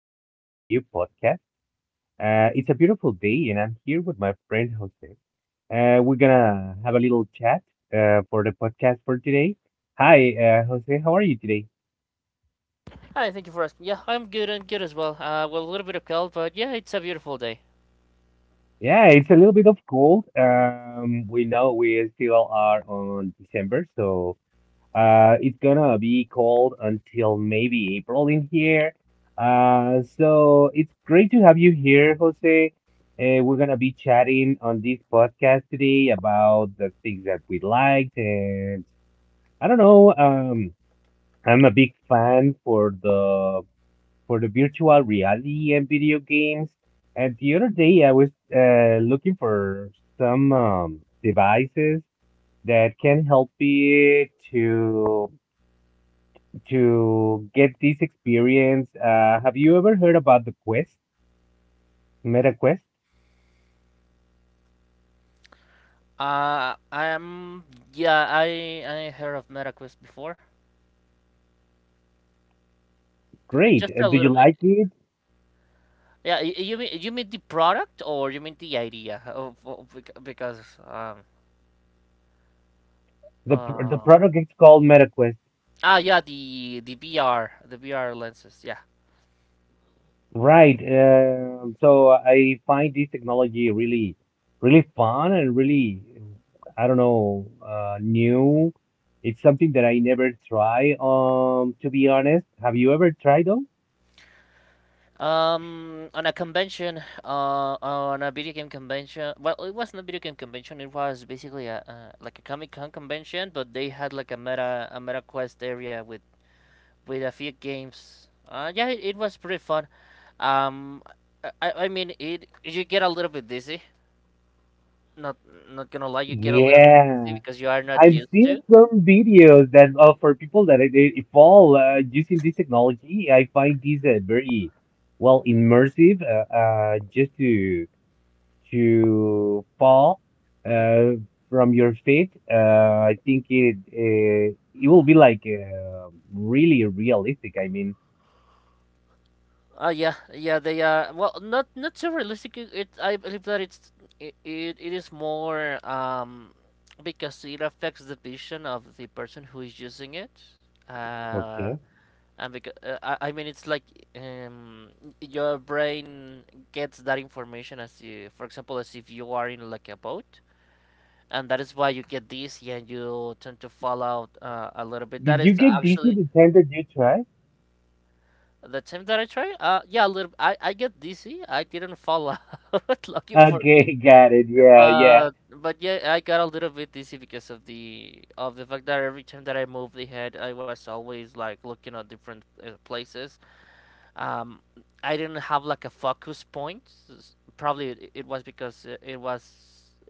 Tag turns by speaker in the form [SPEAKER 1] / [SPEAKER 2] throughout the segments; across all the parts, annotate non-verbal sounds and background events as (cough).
[SPEAKER 1] on a new podcast. It's a beautiful day, and I'm here with my friend Jose. We're gonna have a little chat for the podcast for today. Hi, Jose. How are you today?
[SPEAKER 2] Hi, thank you for asking. Yeah, I'm good. I'm good as well. Well, a little bit of cold, but yeah, it's a beautiful day.
[SPEAKER 1] Yeah, it's a little bit of cold. We know we still are on December, so it's gonna be cold until maybe April in here. So it's great to have you here, Jose. We're gonna be chatting on this podcast today about the things that we liked, and I don't know. I'm a big fan for the virtual reality and video games. And the other day, I was looking for some devices that can help me to get this experience. Have you ever heard about the Quest, Meta Quest?
[SPEAKER 2] I'm yeah. I heard of MetaQuest before.
[SPEAKER 1] Great.
[SPEAKER 2] Just a
[SPEAKER 1] Do you
[SPEAKER 2] little bit.
[SPEAKER 1] like it?
[SPEAKER 2] Yeah, you mean the product or you mean the idea of bec- because
[SPEAKER 1] The pr- the
[SPEAKER 2] uh
[SPEAKER 1] product is called Meta Quest,
[SPEAKER 2] ah yeah the VR the VR lenses. Yeah.
[SPEAKER 1] Right. So I find this technology really, really fun and really, I don't know, new. It's something that I never try. To be honest, have you ever tried though?
[SPEAKER 2] On a convention, on a video game convention. Well, it wasn't a video game convention. It was basically a like a Comic Con convention, but they had like a meta quest area with a few games. It was pretty fun. Um, I mean, it you get a little bit dizzy. Not not gonna lie, you get a little bit dizzy
[SPEAKER 1] Yeah.
[SPEAKER 2] because you are not
[SPEAKER 1] I've
[SPEAKER 2] used
[SPEAKER 1] seen
[SPEAKER 2] to.
[SPEAKER 1] some videos that for people that it fall using this technology. I find this very well immersive. Just to fall
[SPEAKER 2] Mhm.
[SPEAKER 1] uh, from your feet, I think it it will be like really realistic. I mean,
[SPEAKER 2] Yeah, they are well, not so realistic. I believe that it is more because it affects the vision of the person who is using it. Uh,
[SPEAKER 1] okay.
[SPEAKER 2] and because I mean, it's like um your brain gets that information as you, for example, as if you are in like a boat, and that is why you get this, yeah, and you tend to fall out a little bit. That
[SPEAKER 1] Did you
[SPEAKER 2] is
[SPEAKER 1] get Disney
[SPEAKER 2] actually
[SPEAKER 1] the time that you tried?
[SPEAKER 2] The time that I try? Yeah, a little. I get dizzy. I didn't fall out, (laughs) lucky for me.
[SPEAKER 1] Okay, (laughs) got it. Yeah, yeah.
[SPEAKER 2] But yeah, I got a little bit dizzy because of the fact that every time that I moved the head, I was always like looking at different places. Um, I didn't have like a focus point. Probably it was because it was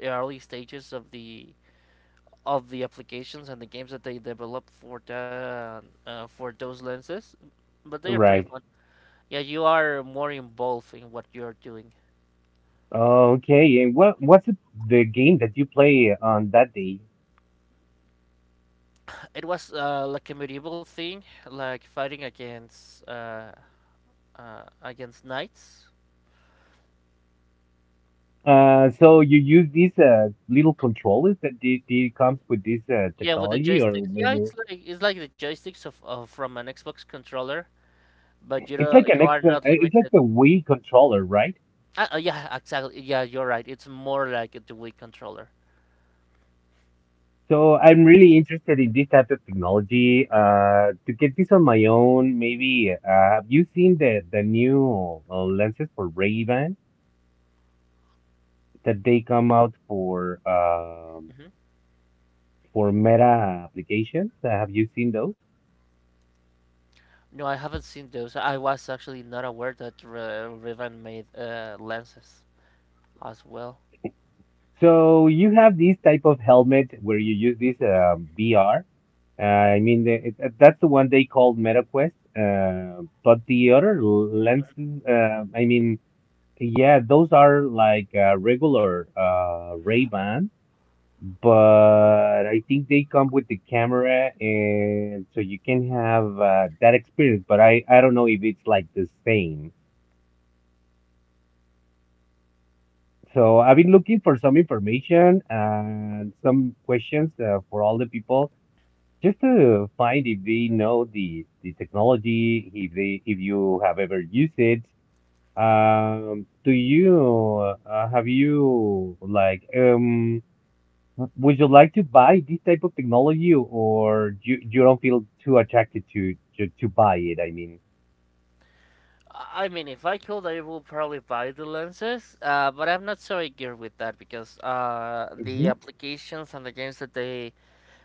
[SPEAKER 2] early stages of the applications and the games that they developed for the for those lenses. But they are pretty
[SPEAKER 1] Right.
[SPEAKER 2] fun. Yeah, you are more involved in what you're doing.
[SPEAKER 1] Okay, and what what's the game that you play on that day?
[SPEAKER 2] It was like a medieval thing, like fighting against knights.
[SPEAKER 1] So you use these little controllers that they comes with this
[SPEAKER 2] Yeah, with the
[SPEAKER 1] technology, or
[SPEAKER 2] joysticks. Yeah,
[SPEAKER 1] maybe
[SPEAKER 2] it's like the joysticks of from an Xbox controller, but you
[SPEAKER 1] it's
[SPEAKER 2] know
[SPEAKER 1] like an
[SPEAKER 2] you are
[SPEAKER 1] extra,
[SPEAKER 2] not
[SPEAKER 1] it's like
[SPEAKER 2] limited.
[SPEAKER 1] the Wii controller, right?
[SPEAKER 2] Yeah, exactly. Yeah, you're right. It's more like the Wii controller.
[SPEAKER 1] So I'm really interested in this type of technology. To get this on my own, maybe have you seen the new lenses for Ray-Ban that they come out for um
[SPEAKER 2] hmm
[SPEAKER 1] for Meta applications? Have you seen those?
[SPEAKER 2] No, I haven't seen those. I was actually not aware that Riven made lenses as well.
[SPEAKER 1] So you have these type of helmet where you use this VR. I mean, that's the one they called MetaQuest. But the other lenses, I mean, yeah, those are like regular Ray-Ban, but I think they come with the camera, and so you can have that experience. But I don't know if it's like the same. So I've been looking for some information and some questions for all the people just to find if they know the technology, if they if you have ever used it. Do you have you would you like to buy this type of technology, or you don't feel too attracted to buy it, I mean.
[SPEAKER 2] I mean, if I could, I would probably buy the lenses, but I'm not so eager with that because the
[SPEAKER 1] Hmm.
[SPEAKER 2] applications and the games that they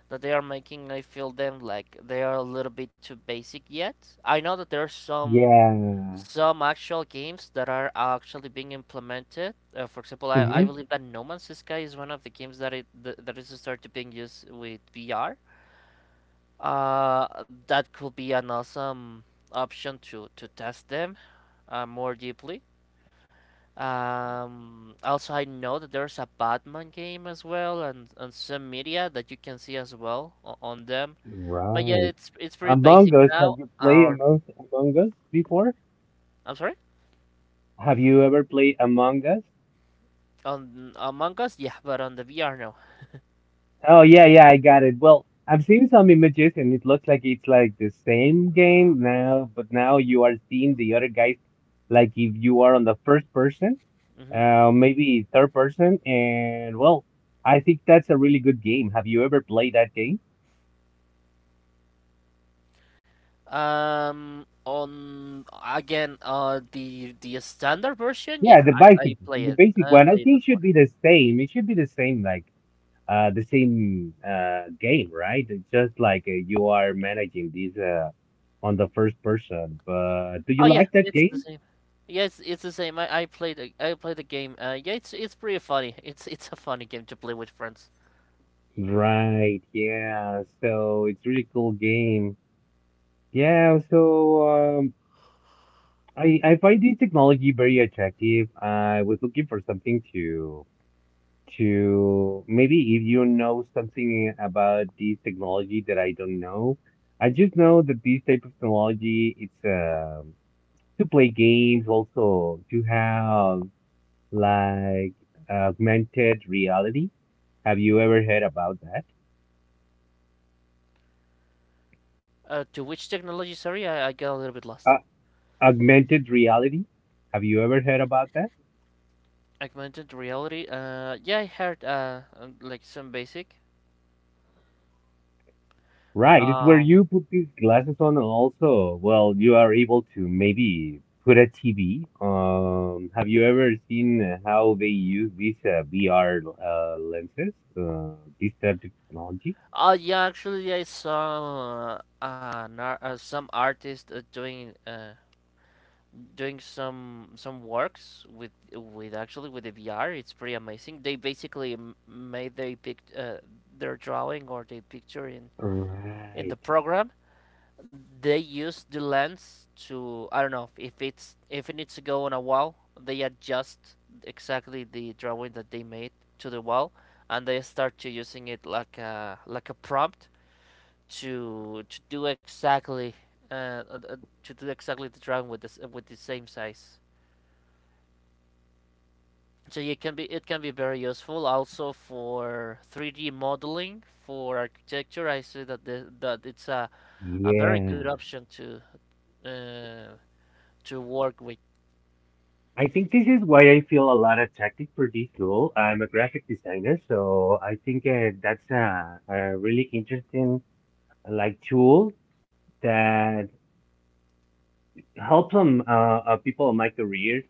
[SPEAKER 2] that they are making, I feel them like they are a little bit too basic yet. I know that there are
[SPEAKER 1] Yeah.
[SPEAKER 2] some actual games that are actually being implemented. For example, I
[SPEAKER 1] Hmm.
[SPEAKER 2] believe that No Man's Sky is one of the games that is started being used with VR. Uh, that could be an awesome option to test them more deeply. Also, I know that there's a Batman game as well, and some media that you can see as well on them. But yeah,
[SPEAKER 1] Right.
[SPEAKER 2] it's pretty basic
[SPEAKER 1] Among Us,
[SPEAKER 2] now.
[SPEAKER 1] have you played Among Us before?
[SPEAKER 2] I'm sorry,
[SPEAKER 1] Have you ever played Among Us?
[SPEAKER 2] on Among Us, yeah, but on the VR now.
[SPEAKER 1] Oh yeah, yeah, I got it. Well, I've seen some images and it looks like it's like the same game now, but now you are seeing the other guys like if you are on the first person,
[SPEAKER 2] hmm
[SPEAKER 1] maybe third person, and well, I think that's a really good game. Have you ever played that game?
[SPEAKER 2] On again, the standard version,
[SPEAKER 1] Yeah,
[SPEAKER 2] yeah,
[SPEAKER 1] the
[SPEAKER 2] I
[SPEAKER 1] basic,
[SPEAKER 2] I play
[SPEAKER 1] the
[SPEAKER 2] it.
[SPEAKER 1] basic
[SPEAKER 2] I
[SPEAKER 1] one. I
[SPEAKER 2] played it
[SPEAKER 1] think should
[SPEAKER 2] before.
[SPEAKER 1] be the same. It should be the same, like the same game, right? It's just like you are managing these on the first person. But do
[SPEAKER 2] Oh
[SPEAKER 1] you
[SPEAKER 2] yeah,
[SPEAKER 1] like that
[SPEAKER 2] it's the
[SPEAKER 1] game?
[SPEAKER 2] same. Yeah, it's the same. I played the game. Yeah, it's pretty funny. It's a funny game to play with friends.
[SPEAKER 1] Right, yeah. So it's really cool game. Yeah, so um I find this technology very attractive. I was looking for something to maybe if you know something about this technology that I don't know. I just know that this type of technology it's to play games, also to have like augmented reality. Have you ever heard about that?
[SPEAKER 2] To which technology? Sorry, I got a little bit lost.
[SPEAKER 1] Augmented reality. Have you ever heard about that?
[SPEAKER 2] Augmented reality. Yeah, I heard like some basic.
[SPEAKER 1] Right, it's where
[SPEAKER 2] Um.
[SPEAKER 1] you put these glasses on, and also, well, you are able to maybe put a TV. Have you ever seen how they use these VR lenses, this type of technology?
[SPEAKER 2] Oh yeah, actually, I saw some artist doing some works with actually with the VR. It's pretty amazing. They basically m- made they picked their drawing or their picture in the
[SPEAKER 1] Right.
[SPEAKER 2] program they use the lens to I don't know if it's if it needs to go on a wall, they adjust exactly the drawing that they made to the wall, and they start to using it like a prompt to to do exactly uh, uh, uh, to do exactly the drawing with this with the same size. So it can be very useful also for 3D modeling for architecture. I see that that it's a very good
[SPEAKER 1] Yeah.
[SPEAKER 2] option uh, to work with
[SPEAKER 1] I think this is why I feel a lot attracted for this role. I'm a graphic designer, so I think that's a really interesting like tool that help some people in my career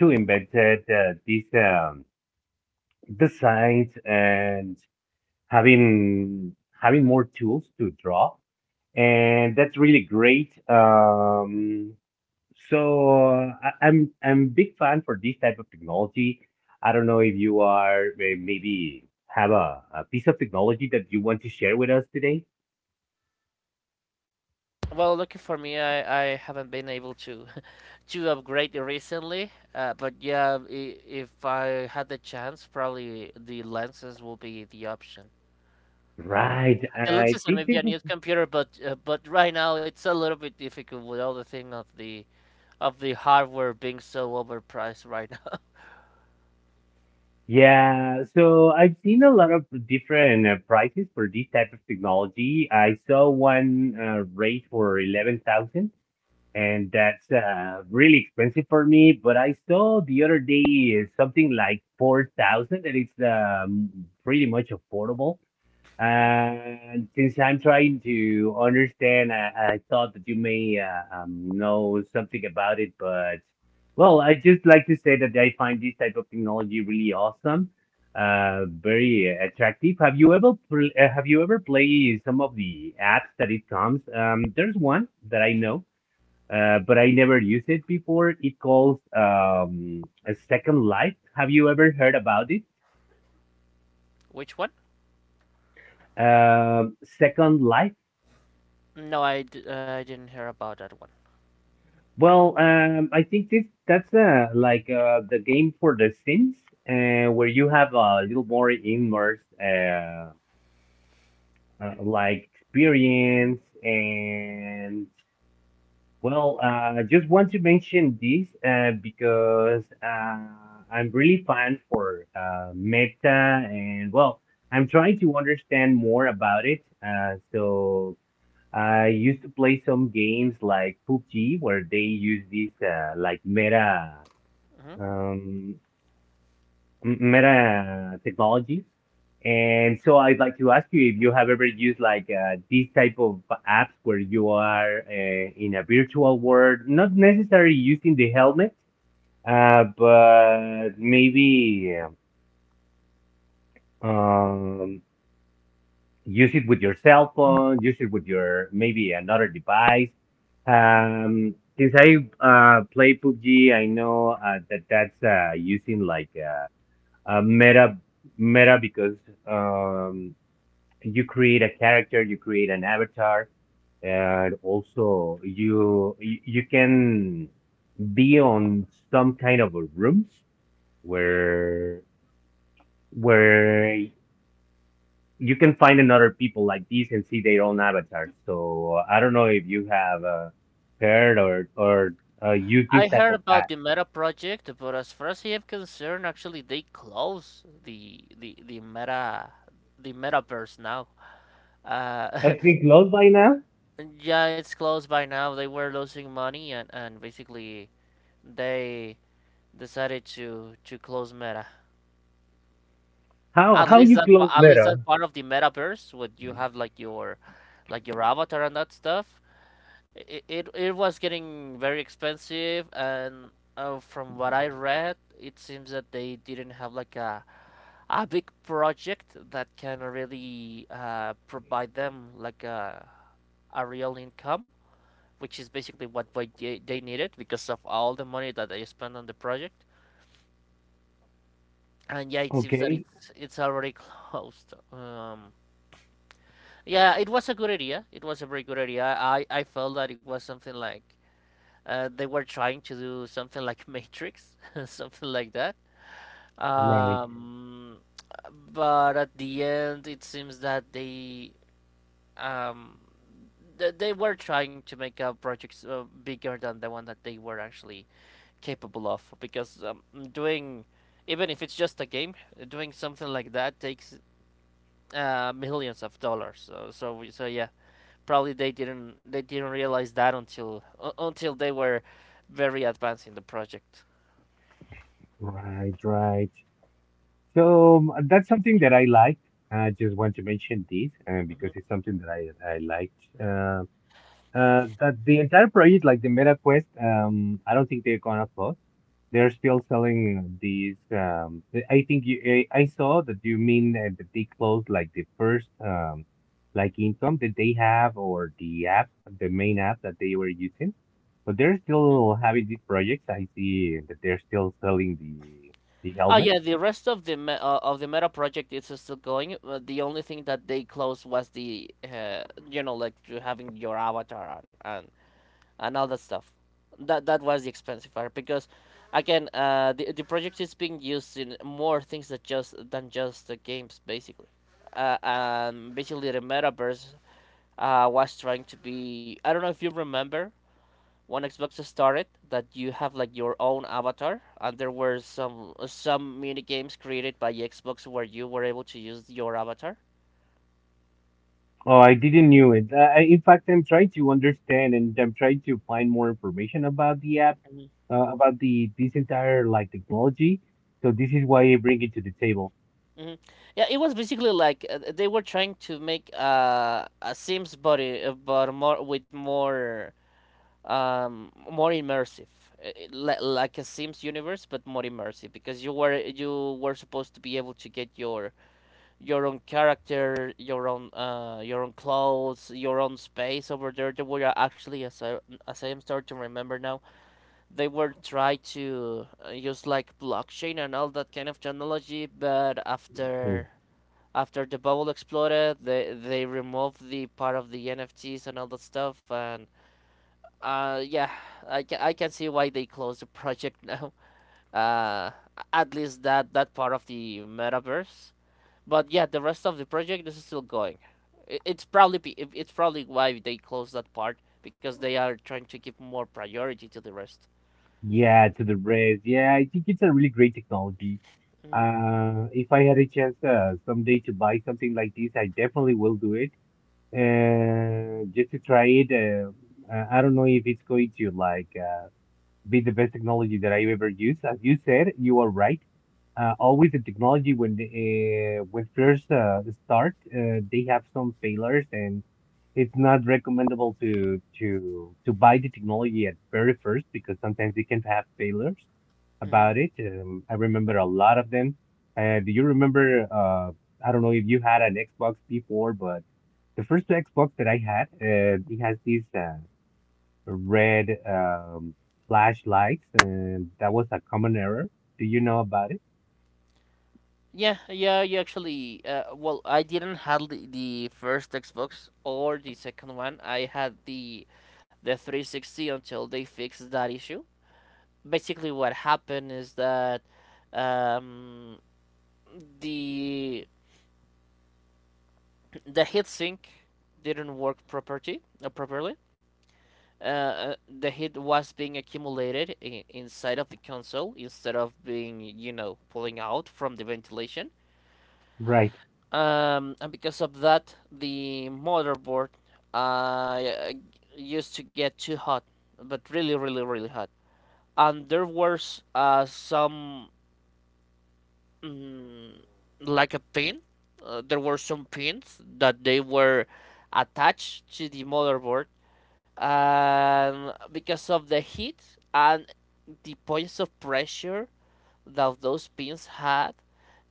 [SPEAKER 1] to invented these designs and having having more tools to draw, and that's really great. So I'm big fan for this type of technology. I don't know if you are maybe have a piece of technology that you want to share with us today.
[SPEAKER 2] Well, lucky for me, I haven't been able to (laughs) to upgrade recently. But yeah, if I had the chance, probably the lenses will be the option.
[SPEAKER 1] Right.
[SPEAKER 2] The
[SPEAKER 1] I
[SPEAKER 2] lenses and
[SPEAKER 1] think
[SPEAKER 2] maybe a new computer, but right now it's a little bit difficult with all the thing of the hardware being so overpriced right now.
[SPEAKER 1] yeah, so I've seen a lot of different prices for this type of technology. I saw one rate for 11,000, and that's really expensive for me. But I saw the other day something like 4,000, and it's pretty much affordable.
[SPEAKER 2] (laughs) hmm
[SPEAKER 1] And since I'm trying to understand, I thought that you may know something about it, but well, I just like to say that I find this type of technology really awesome, very attractive. Have you ever pl have you ever played some of the apps that it comes? There's one that I know, but I never used it before. It calls a Second Life. Have you ever heard about it?
[SPEAKER 2] Which one?
[SPEAKER 1] Second Life.
[SPEAKER 2] No, I didn't hear about that one.
[SPEAKER 1] Well, I think this that's like the game for The Sims, where you have a little more immersed like experience, and well, just want to mention this because I'm really fan for Meta, and well, I'm trying to understand more about it. So I used to play some games like PUBG, where they use this like meta
[SPEAKER 2] hmm
[SPEAKER 1] um, meta technology. And so I'd like to ask you if you have ever used like these type of apps where you are in a virtual world, not necessarily using the helmet, but maybe um, use it with your cell phone, use it with your maybe another device. Since I play PUBG, I know that that's using like uh, meta meta because um, you create a character, you create an avatar, and also you can be on some kind of a rooms where where you can find another people like these and see their own avatars. So I don't know if you have heard or used this
[SPEAKER 2] I
[SPEAKER 1] type
[SPEAKER 2] heard
[SPEAKER 1] of
[SPEAKER 2] about
[SPEAKER 1] app.
[SPEAKER 2] the Meta project, but as far as I am concerned, actually they closed the Metaverse now. Uh,
[SPEAKER 1] I think close by now.
[SPEAKER 2] (laughs) yeah, it's closed by now. They were losing money and basically they decided to close Meta. At
[SPEAKER 1] How
[SPEAKER 2] least
[SPEAKER 1] you close
[SPEAKER 2] that
[SPEAKER 1] meta?
[SPEAKER 2] part of the Metaverse, where you have like your avatar and that stuff. It was getting very expensive, and from what I read, it seems that they didn't have like a big project that can really provide them like a real income, which is basically what they needed because of all the money that they spent on the project. And yeah, it seems that
[SPEAKER 1] Okay,
[SPEAKER 2] it's already (laughs) closed. Yeah, it was a good idea. It was a very good idea. I felt that it was something like they were trying to do something like Matrix, (laughs) something like that.
[SPEAKER 1] right.
[SPEAKER 2] Um, but at the end, it seems that um, they were trying to make a project bigger than the one that they were actually capable of. Because doing, even if it's just a game, doing something like that takes millions of dollars. So yeah, probably they didn't realize that until they were very advanced in the project.
[SPEAKER 1] Right, right. So that's something that I like. I just want to mention this because
[SPEAKER 2] Mhm,
[SPEAKER 1] it's something that I liked. That the entire project, like the Meta Quest, I don't think they're gonna close. They're still selling these. I think I saw that you mean that they closed like the first, like income that they have or the app, the main app that they were using. But they're
[SPEAKER 2] mhm.
[SPEAKER 1] still having these projects. I see that they're still selling the
[SPEAKER 2] Oh yeah,
[SPEAKER 1] helmets.
[SPEAKER 2] the rest of the me of the meta project is still going. The only thing that they closed was the you know like to having your avatar and all that stuff. That was the expensive part because again, the project is being used in more things that just than just the games basically. Basically the metaverse was trying to be. I don't know if you remember when Xbox started that you have like your own avatar, and there were some mini games created by Xbox where you were able to use your avatar.
[SPEAKER 1] Oh, I didn't knew it. In fact, I'm trying to understand and I'm trying to find more information about the app,
[SPEAKER 2] Mhm.
[SPEAKER 1] about the this entire like technology. So this is why I bring it to the table.
[SPEAKER 2] hmm Yeah, it was basically like they were trying to make a Sims body, but more with more more immersive, like a Sims universe, but more immersive because you were supposed to be able to get your own character, your own clothes, your own space over there. They were actually, as I am starting to remember now, they were trying to use like blockchain and all that kind of technology. But
[SPEAKER 1] Hmm.
[SPEAKER 2] after after the bubble exploded, they removed the part of the NFTs and all that stuff. And yeah, I can see why they closed the (laughs) project now. Uh, at least that part of the metaverse but yeah, the rest of the project is still going. It's probably it's probably why they closed that part because they are trying to give more priority to the rest.
[SPEAKER 1] Yeah, to the rest. Yeah, I think it's a really great technology.
[SPEAKER 2] Mm-hmm.
[SPEAKER 1] If I had a chance someday to buy something like this, I definitely will do it. Just to try it. I don't know if it's going to like. Be the best technology that I've ever used. As you said, you are right. Always the technology when when first start, they have some failures, and it's not recommendable to buy the technology at very first because sometimes they can have failures about
[SPEAKER 2] Mm-hmm.
[SPEAKER 1] it. I remember a lot of them. Do you remember? I don't know if you had an Xbox before, but the first Xbox that I had, it has this. Red flashlights, and that was a common error. Do you know about it?
[SPEAKER 2] Yeah, yeah, you actually. Well, I didn't have the first Xbox or the second one. I had the 360 until they fixed that issue. Basically, what happened is that um, the (clears throat) the heatsink didn't work properly. The heat was being accumulated inside of the console instead of being, you know, pulling out from the ventilation.
[SPEAKER 1] Right,
[SPEAKER 2] And because of that, the motherboard uh, used to get too hot, but really, really, really hot. And there was some, mm, like a pin, there were some pins that they were attached to the motherboard because of the heat and the points of pressure that those pins had,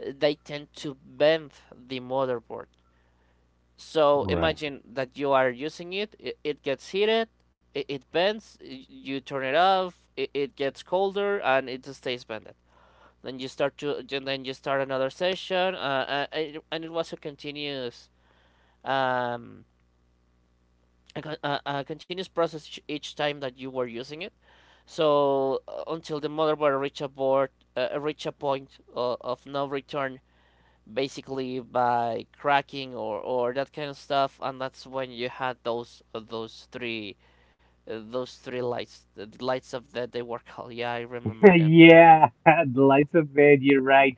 [SPEAKER 2] they tend to bend the motherboard. So
[SPEAKER 1] right. (laughs)
[SPEAKER 2] imagine that you are using it, it gets heated, it bends, you turn it off, it gets colder, and it stays bended. Then you start to then you start another session, and it was a continuous um a, a, continuous process each time that you were using it. So until the motherboard reach a board, reach a point of no return, basically by cracking or that kind of stuff, and that's when you had those three lights, the lights of that they were called. Yeah, I remember them.
[SPEAKER 1] Yeah, (laughs) the lights of bed, you're right.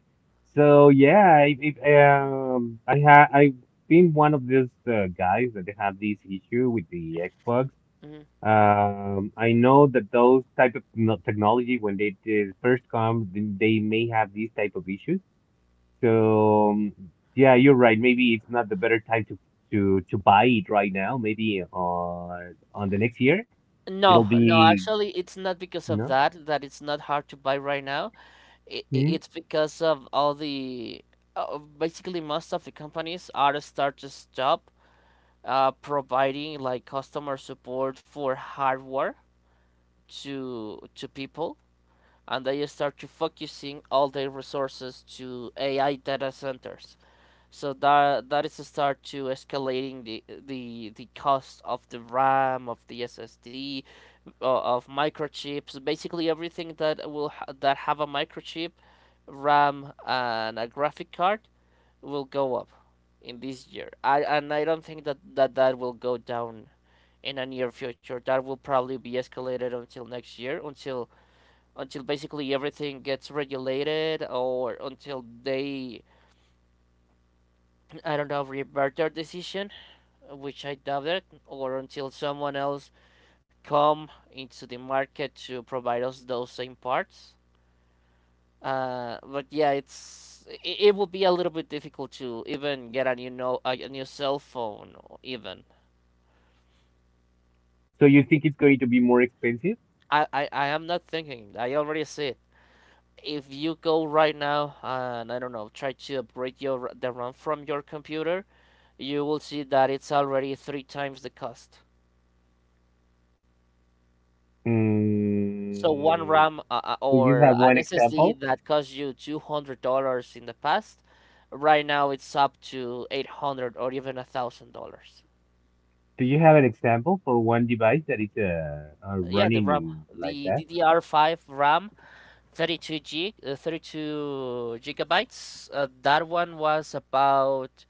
[SPEAKER 1] So yeah, I've been one of these guys that have this issue with the Xbox.
[SPEAKER 2] Mhm.
[SPEAKER 1] I know that those type of technology when they first come, they may have these type of issues. So yeah, you're right. Maybe it's not the better time to buy it right now. Maybe on the next year it'll
[SPEAKER 2] No, no,
[SPEAKER 1] be
[SPEAKER 2] actually, it's not because of
[SPEAKER 1] no.
[SPEAKER 2] that that it's not hard to buy right now.
[SPEAKER 1] Mhm.
[SPEAKER 2] It's because of all the basically most of the companies are start to stop providing like customer support for hardware to people, and they start to focusing all their resources to AI data centers. So that is a start to escalating the cost of the RAM, of the SSD, of microchips, basically everything that that have a microchip, RAM, and a graphic card will go up in this year. I And I don't think that will go down in a near future. That will probably be escalated until next year, until basically everything gets regulated, or until I don't know, revert their decision, which I doubt it, or until someone else come into the market to provide us those same parts. But yeah, it it will be a little bit difficult to even get a new no a new cell phone even.
[SPEAKER 1] So you think it's going to be more expensive?
[SPEAKER 2] I am not thinking. I already see it. If you go right now and, I don't know, try to upgrade your the RAM from your computer, you will see that it's already three times the cost. So one
[SPEAKER 1] Mm,
[SPEAKER 2] RAM,
[SPEAKER 1] do you
[SPEAKER 2] or
[SPEAKER 1] have
[SPEAKER 2] an
[SPEAKER 1] one
[SPEAKER 2] SSD
[SPEAKER 1] example?
[SPEAKER 2] that cost you $200 in the past, right now it's up to 800 or even $1,000.
[SPEAKER 1] Do you have an example for one device that is
[SPEAKER 2] Yeah, the RAM,
[SPEAKER 1] running like
[SPEAKER 2] the
[SPEAKER 1] that?
[SPEAKER 2] DDR5 RAM, 32 gig, 32 gigabytes. That one was about,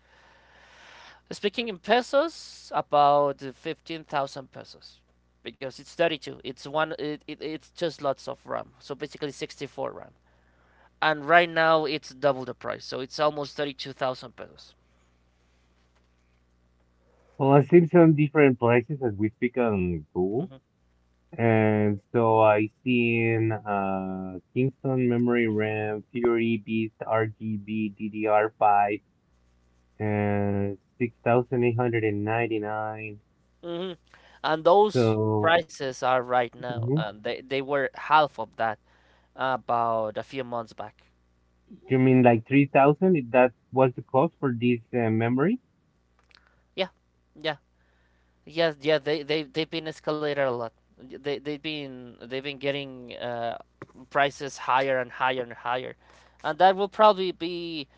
[SPEAKER 2] speaking in pesos, about 15,000 pesos because it's 32. It's one it, it, It's just lots of RAM. So basically 64 RAM. And right now it's double the price. So it's almost 32,000 pesos.
[SPEAKER 1] Well, I've seen some different prices as we speak on Google.
[SPEAKER 2] Mm-hmm.
[SPEAKER 1] And so I seen Kingston Memory RAM, Fury Beast RGB DDR5 and 6899.
[SPEAKER 2] Hmm. And those
[SPEAKER 1] So.
[SPEAKER 2] prices are right now,
[SPEAKER 1] Mhm.
[SPEAKER 2] and they were half of that about a few months back.
[SPEAKER 1] You mean like 3000? That was the cost for this memory?
[SPEAKER 2] Yeah. Yeah. Yes, yeah, they've been escalated a lot. They've been getting, prices higher and higher and higher, and that will probably be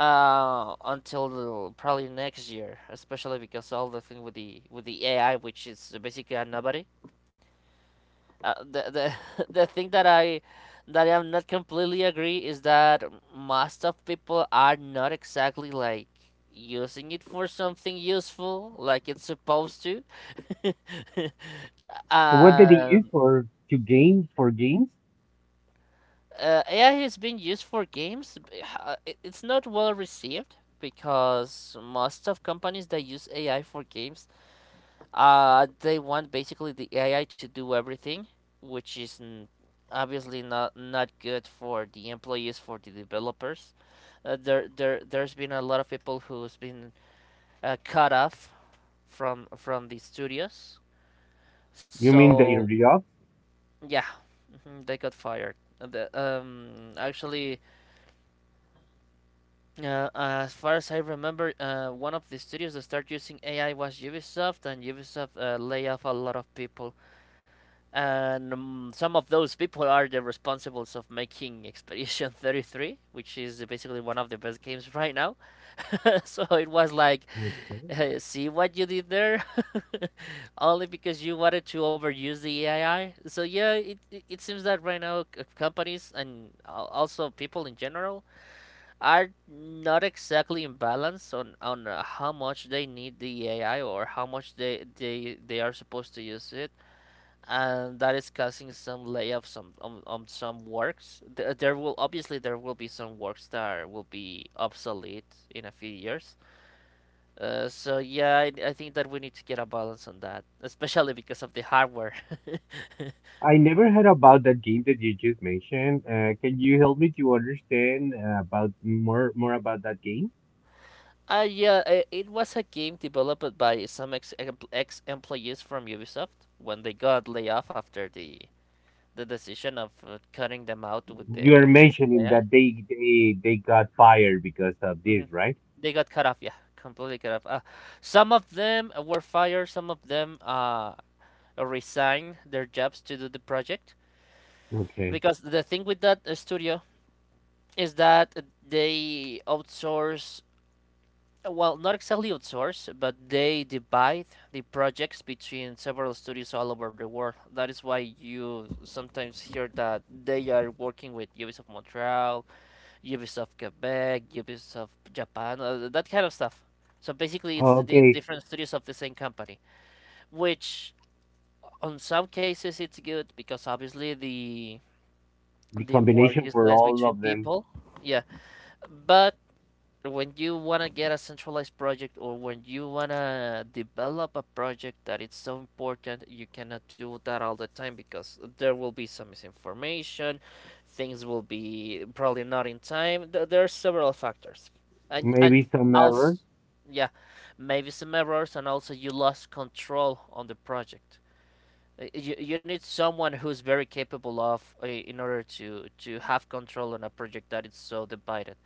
[SPEAKER 2] until probably next year, especially because all the thing with the AI, which is basically a nobody. The (laughs) The thing that I'm not completely agree is that most of people are not exactly like using it for something useful like it's supposed to. (laughs)
[SPEAKER 1] What did they
[SPEAKER 2] um,
[SPEAKER 1] use for to game for games?
[SPEAKER 2] AI has been used for games. It's not well received because most of companies that use AI for games, uh, they want basically the AI to do everything, which is obviously not good for the employees, for the developers. There's been a lot of people who's been, cut off from the studios.
[SPEAKER 1] You mean the
[SPEAKER 2] So
[SPEAKER 1] RDOF?
[SPEAKER 2] yeah, mhm, they got fired. Actually, as far as I remember, one of the studios that started using AI was Ubisoft, and Ubisoft, lay off a lot of people. And some of those people are the responsibles of making Expedition (laughs) 33, which is basically one of the best games right now. (laughs) So it was like,
[SPEAKER 1] Okay.
[SPEAKER 2] see what you did there. (laughs) Only because you wanted to overuse the AI. So yeah, it seems that right now companies and also people in general are not exactly in balance on how much they need the AI or how much they are supposed to use it, and that is causing some layoffs on some works. There will obviously there will be some works will be obsolete in a few years. So yeah, I think that we need to get a balance on that, especially because of the hardware. (laughs)
[SPEAKER 1] I never heard about that game that you just mentioned. Can you help me to understand about more about that game?
[SPEAKER 2] Yeah, it was a game developed by some ex employees from Ubisoft when they got laid off after the decision of cutting them out with
[SPEAKER 1] You're
[SPEAKER 2] with the
[SPEAKER 1] mentioning
[SPEAKER 2] AI.
[SPEAKER 1] that they got fired because of this, right?
[SPEAKER 2] They got cut off, yeah, completely cut off. Some of them were fired, some of them resigned their jobs to do the project.
[SPEAKER 1] Okay.
[SPEAKER 2] Because the thing with that studio is that they outsource, well, not exactly outsource, but they divide the projects between several studios all over the world. That is why you sometimes hear that they are working with Ubisoft Montreal, Ubisoft Quebec, Ubisoft Japan, that kind of stuff. So basically, it's
[SPEAKER 1] Oh,
[SPEAKER 2] the
[SPEAKER 1] okay.
[SPEAKER 2] different studios of the same company, which on some cases it's good because obviously the
[SPEAKER 1] The
[SPEAKER 2] work
[SPEAKER 1] combination
[SPEAKER 2] is
[SPEAKER 1] for
[SPEAKER 2] less
[SPEAKER 1] all
[SPEAKER 2] between
[SPEAKER 1] of them.
[SPEAKER 2] people. Yeah, but when you want to get a centralized project or when you want to develop a project that it's so important, you cannot do that all the time because there will be some misinformation, things will be probably not in time. There are several factors, and
[SPEAKER 1] Maybe some
[SPEAKER 2] also,
[SPEAKER 1] error.
[SPEAKER 2] yeah, maybe some errors, and also you lost control on the project. You need someone who's very capable of in order to have control on a project that is so divided.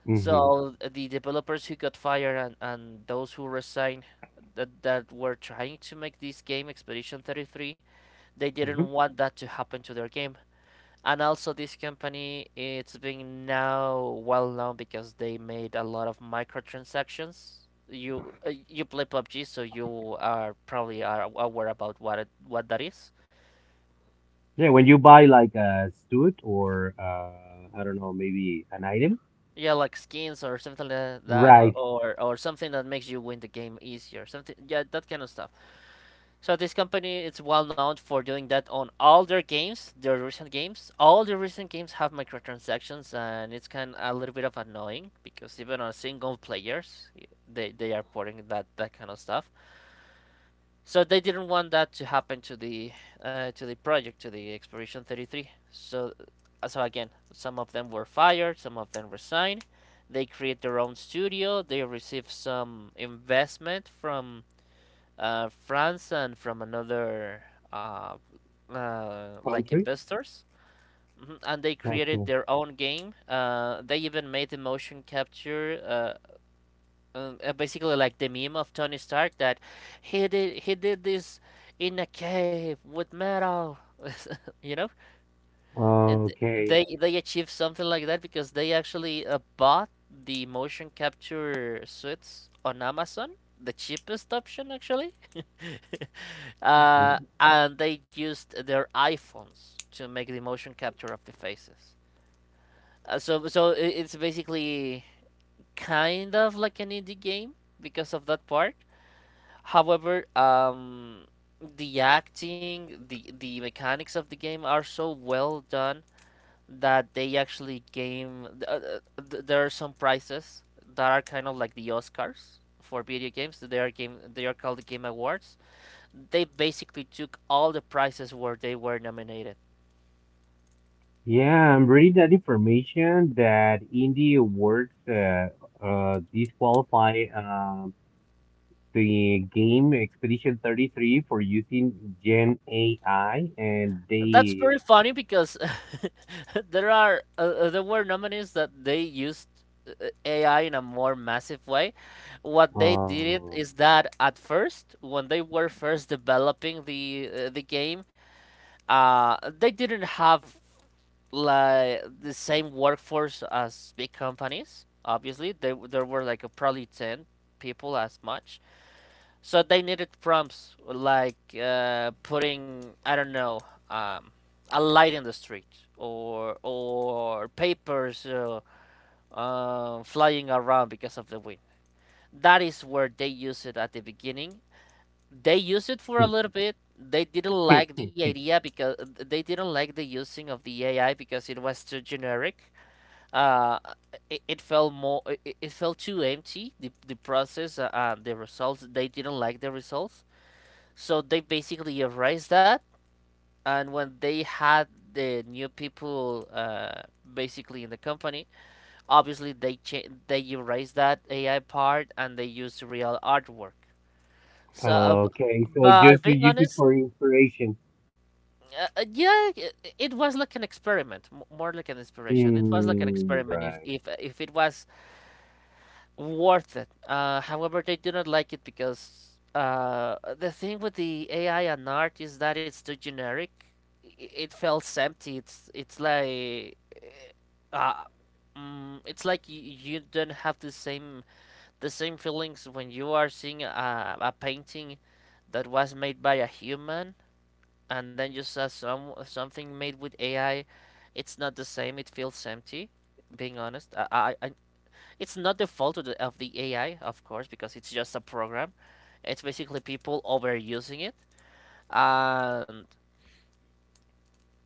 [SPEAKER 1] Mm-hmm.
[SPEAKER 2] So the developers who got fired, and those who resigned, that were trying to make this game Expedition 33, they didn't
[SPEAKER 1] Hmm.
[SPEAKER 2] want that to happen to their game. And also this company it's being now well known because they made a lot of microtransactions. You you play PUBG, so you are probably are aware about what that is.
[SPEAKER 1] Yeah, when you buy like a suit or I don't know, maybe an item.
[SPEAKER 2] Yeah, like skins or something like that,
[SPEAKER 1] Right.
[SPEAKER 2] or something that makes you win the game easier. Something, yeah, that kind of stuff. So this company is well known for doing that on all their games, their recent games. All the recent games have microtransactions, and it's kind of a little bit of annoying because even on single players, they are putting that kind of stuff. So they didn't want that to happen to the project to the Expedition 33. So so again, some of them were fired, some of them resigned. They create their own studio. They receive some investment from France and from another uh, like
[SPEAKER 1] Country.
[SPEAKER 2] investors. Mhm. And they created
[SPEAKER 1] Okay.
[SPEAKER 2] their own game. They even made the motion capture, basically like the meme of Tony Stark that he did this in a cave with metal. (laughs) You know, and
[SPEAKER 1] Okay.
[SPEAKER 2] they achieved something like that because they actually bought the motion capture suits on Amazon, the cheapest option actually. (laughs)
[SPEAKER 1] Mhm.
[SPEAKER 2] And they used their iPhones to make the motion capture of the faces. So it's basically kind of like an indie game because of that part. However, the acting, the mechanics of the game are so well done that they actually game. There are some prizes that are kind of like the Oscars for video games. They are called the Game Awards. They basically took all the prizes where they were nominated.
[SPEAKER 1] Yeah, I'm reading that information that in the awards, disqualify the game Expedition 33 for using Gen AI, and
[SPEAKER 2] That's very
[SPEAKER 1] they
[SPEAKER 2] funny because (laughs) there were nominees that they used uh, AI in a more massive way. What they did it
[SPEAKER 1] uh, (laughs)
[SPEAKER 2] is that at first, when they were first developing the game, they didn't have like the same workforce as big companies. Obviously, there were like probably ten people as much. So they needed prompts like putting, I don't know, um, a light in the street or papers flying around because of the wind. That is where they use it at the beginning. They use it for a little bit. They didn't like the idea because they didn't like the using of the AI because it was too generic. Uh, it felt too empty, the process the results, they didn't like the results, so they basically erased that, and when they had the new people basically in the company, obviously they erased that AI part and they used real artwork. So,
[SPEAKER 1] okay, so
[SPEAKER 2] but
[SPEAKER 1] just to
[SPEAKER 2] being
[SPEAKER 1] use it
[SPEAKER 2] honest,
[SPEAKER 1] for inspiration.
[SPEAKER 2] yeah, it was like an experiment, more like an inspiration. It was like an
[SPEAKER 1] Mm,
[SPEAKER 2] experiment.
[SPEAKER 1] right,
[SPEAKER 2] If it was worth it. However, they do not like it because the thing with the AI and art is that it's too generic. It feels empty. It's like uh, mm, it's like you don't have the same feelings when you are seeing a painting that was made by a human, and then you saw some something made with AI. It's not the same. It feels empty. Being honest, I it's not the fault of the AI, of course, because it's just a program. It's basically people overusing it, and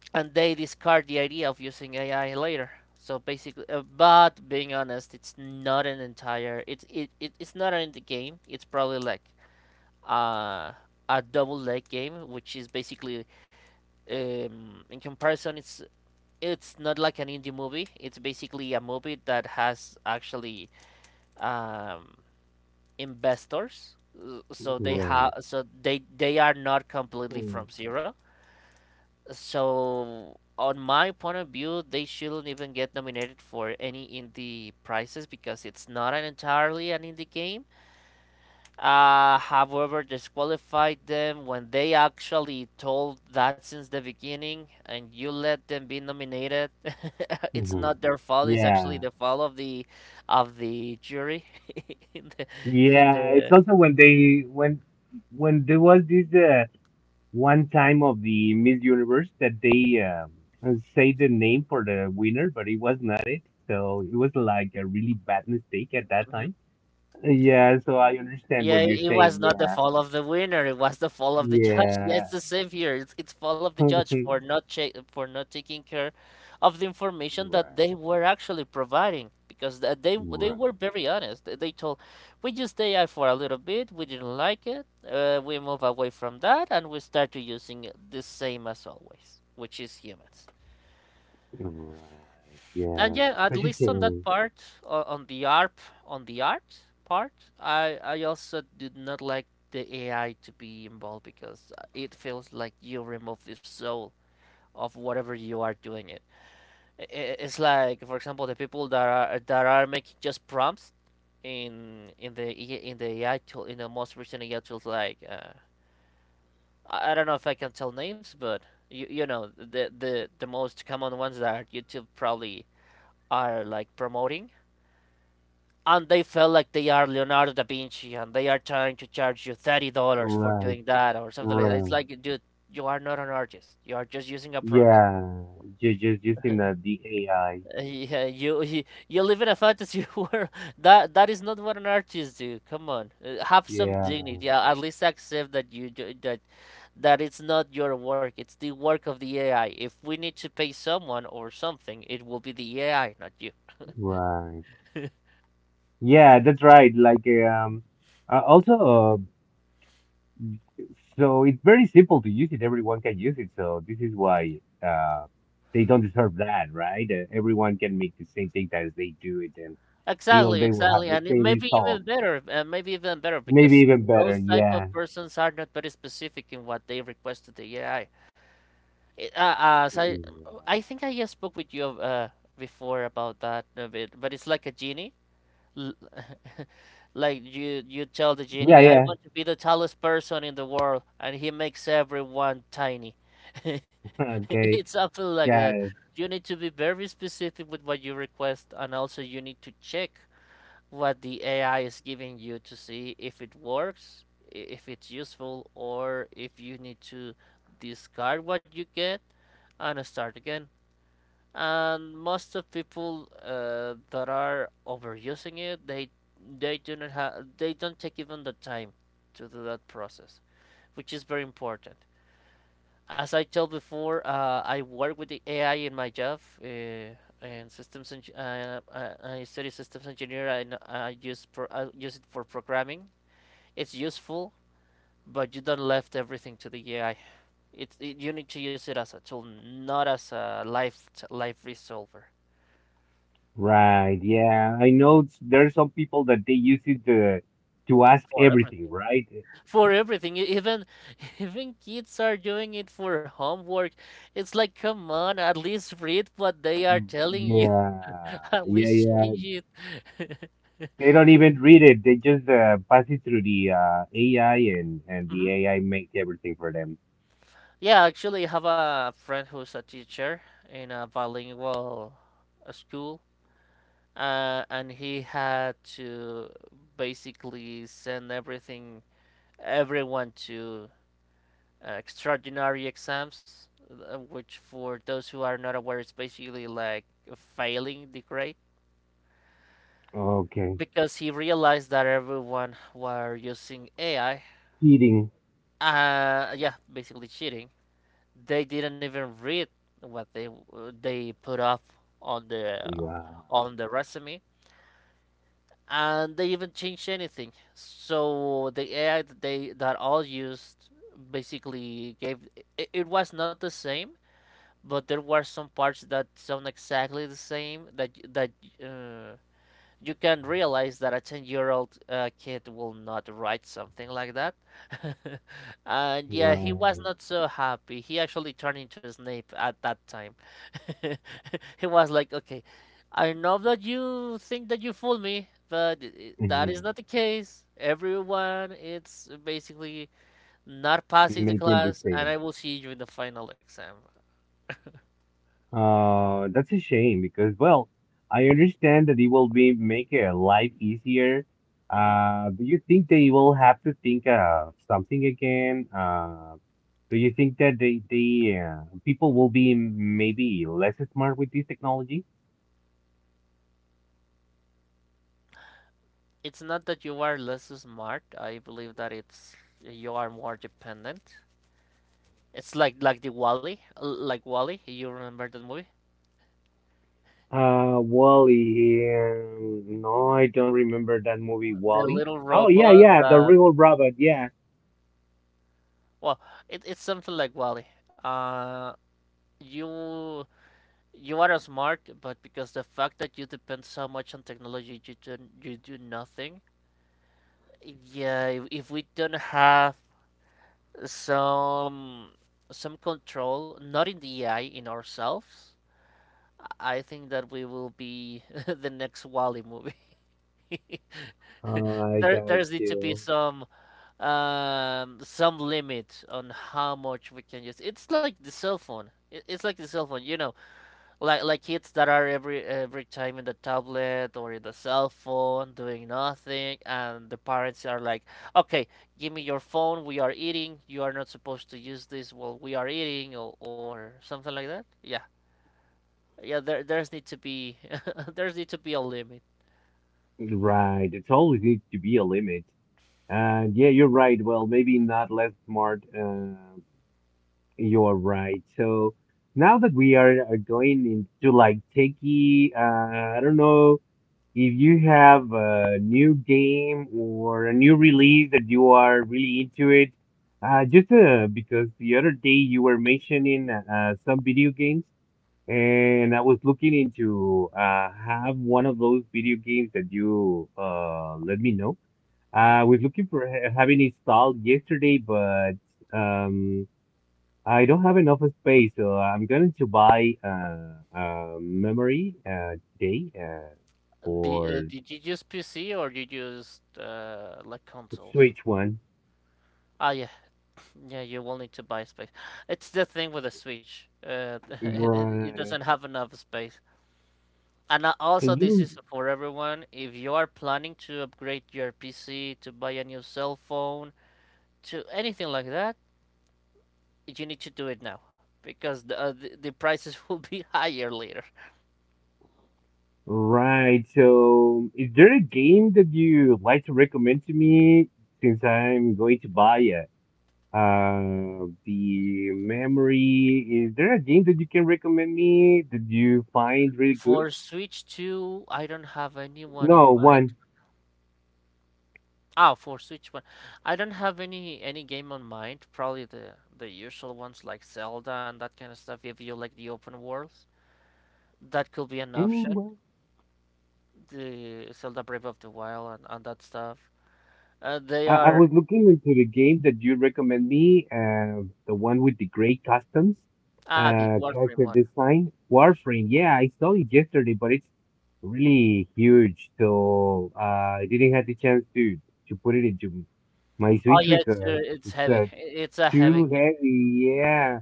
[SPEAKER 2] and they discard the idea of using AI later. So basically, but being honest, it's not an entire. It's it, it it's not an indie game. It's probably like uh, a double leg game, which is basically in comparison, it's not like an indie movie. It's basically a movie that has actually um, investors, so they have
[SPEAKER 1] right.
[SPEAKER 2] so they are not completely
[SPEAKER 1] Mm-hmm.
[SPEAKER 2] from zero. So on my point of view, they shouldn't even get nominated for any indie prizes because it's not an entirely an indie game. However, disqualified them when they actually told that since the beginning and you let them be nominated. (laughs) It's not their fault. It's actually
[SPEAKER 1] Yeah,
[SPEAKER 2] the fault of the jury (laughs) in the in
[SPEAKER 1] yeah. It's
[SPEAKER 2] the.
[SPEAKER 1] also when they when there was this, one time of the Miss Universe that they say the name for the winner, but it was not it. So it was like a really bad mistake at that
[SPEAKER 2] Mhm.
[SPEAKER 1] time. Yeah, so I understand
[SPEAKER 2] Yeah,
[SPEAKER 1] what you're
[SPEAKER 2] it was
[SPEAKER 1] saying.
[SPEAKER 2] not the
[SPEAKER 1] Yeah,
[SPEAKER 2] fault of the winner. It was the fault of the judge. (laughs) Yeah, it's
[SPEAKER 1] yeah,
[SPEAKER 2] the same here. It's fault of
[SPEAKER 1] (laughs)
[SPEAKER 2] the
[SPEAKER 1] right,
[SPEAKER 2] judge for not che for not taking care of the information that they were actually providing, because they
[SPEAKER 1] right,
[SPEAKER 2] were very honest. They told, we just stay out for a little bit. We didn't like it. We move away from that and we start to using the same as always, which is humans.
[SPEAKER 1] right.
[SPEAKER 2] And
[SPEAKER 1] Yeah,
[SPEAKER 2] yeah, at least on that
[SPEAKER 1] especially.
[SPEAKER 2] part, o- on the art, on the art part, I also did not like the AI to be involved because it feels like you remove the soul of whatever you are doing it. It's like, for example, the people that are making just prompts in the in the AI tool, in the most recent AI tools like I don't know if I can tell names, but you know the the most common ones that YouTube probably are like promoting, and they feel like they are Leonardo da Vinci and they are trying to charge you $30 for
[SPEAKER 1] Right,
[SPEAKER 2] doing that or something like that. It's
[SPEAKER 1] right.
[SPEAKER 2] like, dude, you are not an artist. You are just using a prompt. (laughs)
[SPEAKER 1] Yeah, just using the AI.
[SPEAKER 2] Yeah you live in a fantasy (laughs) world. That is not what an artist do. Come on. Have some
[SPEAKER 1] Yeah,
[SPEAKER 2] dignity. At least accept that that it's not your work. It's the work of the AI. If we need to pay someone or something, it will be the AI, not you.
[SPEAKER 1] right. Yeah, that's right. Like also. Uh, so it's very simple to use it. Everyone can use it. So this is why uh, they don't deserve that, right? Everyone can make the same thing as they do it, and
[SPEAKER 2] Exactly,
[SPEAKER 1] they will have
[SPEAKER 2] exactly,
[SPEAKER 1] the
[SPEAKER 2] and it
[SPEAKER 1] same
[SPEAKER 2] maybe
[SPEAKER 1] result,
[SPEAKER 2] even better, and maybe even better,
[SPEAKER 1] maybe
[SPEAKER 2] because
[SPEAKER 1] even better.
[SPEAKER 2] those type
[SPEAKER 1] Yeah.
[SPEAKER 2] of persons are not very specific in what they request to the AI. It, uh, as I, I think I just spoke with you before about that a bit, but it's like a genie. L- (laughs) Like you tell the
[SPEAKER 1] Yeah,
[SPEAKER 2] genie,
[SPEAKER 1] yeah.
[SPEAKER 2] I
[SPEAKER 1] Yeah.
[SPEAKER 2] want to be the tallest person in the world, and he makes everyone tiny. (laughs)
[SPEAKER 1] (laughs) Okay.
[SPEAKER 2] It's something like that.
[SPEAKER 1] Got it.
[SPEAKER 2] You need to be very specific with what you request, and also you need to check what the AI is giving you to see if it works, if it's useful, or if you need to discard what you get and start again. And most of people that are overusing it, they do not have they don't take even the time to do that process, which is very important. As I told before, I work with the AI in my job. Uh, and systems. Eng- uh, I, I study systems engineer. I use it for programming. It's useful, but you don't left everything to the AI. You need to use it as a tool, not as a life resolver
[SPEAKER 1] Right. Yeah. I know there are some people that they use it to ask
[SPEAKER 2] for
[SPEAKER 1] everything,
[SPEAKER 2] everything.
[SPEAKER 1] right?
[SPEAKER 2] For everything, even (laughs) even kids are doing it for homework. It's like, come on, at least read what they are
[SPEAKER 1] Mm.
[SPEAKER 2] telling you. (laughs)
[SPEAKER 1] Yeah,
[SPEAKER 2] At
[SPEAKER 1] yeah.
[SPEAKER 2] least
[SPEAKER 1] Yeah.
[SPEAKER 2] change it. (laughs)
[SPEAKER 1] They don't even read it. They just pass it through the AI, and the
[SPEAKER 2] Hmm.
[SPEAKER 1] AI makes everything for them.
[SPEAKER 2] Yeah, actually, I have a friend who's a teacher in a bilingual school, and he had to basically send everything, everyone to extraordinary exams, which for those who are not aware is basically like failing the grade.
[SPEAKER 1] Okay,
[SPEAKER 2] Because he realized that everyone were using AI,
[SPEAKER 1] cheating.
[SPEAKER 2] yeah, basically cheating. They didn't even read what they put up on the
[SPEAKER 1] Wow.
[SPEAKER 2] on the resume, and they even changed anything so the ai that they that all used basically gave it, it was not the same, but there were some parts that sound exactly the same, that that uh, you can realize that a 10-year-old kid will not write something like that. (laughs) And yeah, he was
[SPEAKER 1] Right.
[SPEAKER 2] not so happy. He actually turned into Snape at that time. (laughs) He was like, okay, I know that you think that you fooled me, but that is
[SPEAKER 1] Hmm.
[SPEAKER 2] not the case. Everyone is basically not passing the
[SPEAKER 1] Making the
[SPEAKER 2] class, and
[SPEAKER 1] same.
[SPEAKER 2] I will see you in the final exam.
[SPEAKER 1] That's a shame because, well, I understand that it will be make life easier.
[SPEAKER 2] Hmm.
[SPEAKER 1] Do you think they will have to think of something again? Do you think that they people will be maybe less smart with this technology?
[SPEAKER 2] It's not that you are less smart, I believe that it's you are more dependent. It's like the Wall-E, like Wall-E. You remember that movie?
[SPEAKER 1] Wally. No, I don't remember that movie,
[SPEAKER 2] The
[SPEAKER 1] Wally.
[SPEAKER 2] little
[SPEAKER 1] Oh yeah,
[SPEAKER 2] robot
[SPEAKER 1] yeah, the
[SPEAKER 2] that,
[SPEAKER 1] real robot. Yeah.
[SPEAKER 2] well, it, it's something like Wally. Uh, you you are smart, but because the fact that you depend so much on technology, you do nothing. Yeah, if we don't have some some control, not in the AI, in ourselves, I think that we will be (laughs) the next Wall-E movie. (laughs)
[SPEAKER 1] I
[SPEAKER 2] There
[SPEAKER 1] got
[SPEAKER 2] there's need to be
[SPEAKER 1] you.
[SPEAKER 2] some limit on how much we can use. It's like the cell phone, it's like the cell phone, you know. Like kids that are every time in the tablet or in the cell phone doing nothing, and the parents are like, okay, give me your phone, we are eating, you are not supposed to use this while we are eating, or something like that. Yeah, yeah, there there's need to be (laughs) there's need to be a limit.
[SPEAKER 1] Right. It always needs to be a limit. And yeah, you're right. Well, maybe not less smart. You're right. So now that we are going into like techie, I don't know. If you have a new game or a new release that you are really into it, just because the other day you were mentioning some video games, and I was looking into have one of those video games that you let me know. I
[SPEAKER 2] Hmm.
[SPEAKER 1] was looking for having installed yesterday, but um, I don't have enough space, so I'm going to buy a memory today for
[SPEAKER 2] Did you use pc or did you use like
[SPEAKER 1] the
[SPEAKER 2] consoles?
[SPEAKER 1] Switch one.
[SPEAKER 2] Ah, yeah. Yeah, you will need to buy space. It's the thing with the Switch. (laughs) It doesn't
[SPEAKER 1] Right.
[SPEAKER 2] have enough space. And also,
[SPEAKER 1] Can
[SPEAKER 2] this
[SPEAKER 1] you?
[SPEAKER 2] is for everyone. If you are planning to upgrade your PC, to buy a new cell phone, to anything like that, you need to do it now because the prices will be (laughs) higher later.
[SPEAKER 1] Right. So, is there a game that you like to recommend to me since I'm going to buy it? The memory. Is there a game that you can recommend me that you find really good?
[SPEAKER 2] For Switch 2, I don't have anyone
[SPEAKER 1] No,
[SPEAKER 2] in mind.
[SPEAKER 1] one.
[SPEAKER 2] Ah, for Switch one. I don't have any game on mind. Probably the usual ones like Zelda and that kind of stuff. If you like the open worlds, that could be an
[SPEAKER 1] Mm.
[SPEAKER 2] option. The Zelda Breath of the Wild, and that stuff. They
[SPEAKER 1] I
[SPEAKER 2] are
[SPEAKER 1] was looking into the game that you recommend me, the one with the gray customs,
[SPEAKER 2] ah the Warframe
[SPEAKER 1] character
[SPEAKER 2] one.
[SPEAKER 1] design, Warframe. Yeah, I saw it yesterday, but it's really huge, so I didn't have the chance to put it into my
[SPEAKER 2] Oh
[SPEAKER 1] Switch
[SPEAKER 2] yeah,
[SPEAKER 1] because
[SPEAKER 2] it's
[SPEAKER 1] it's
[SPEAKER 2] heavy. It's a
[SPEAKER 1] too
[SPEAKER 2] heavy game.
[SPEAKER 1] heavy. Yeah,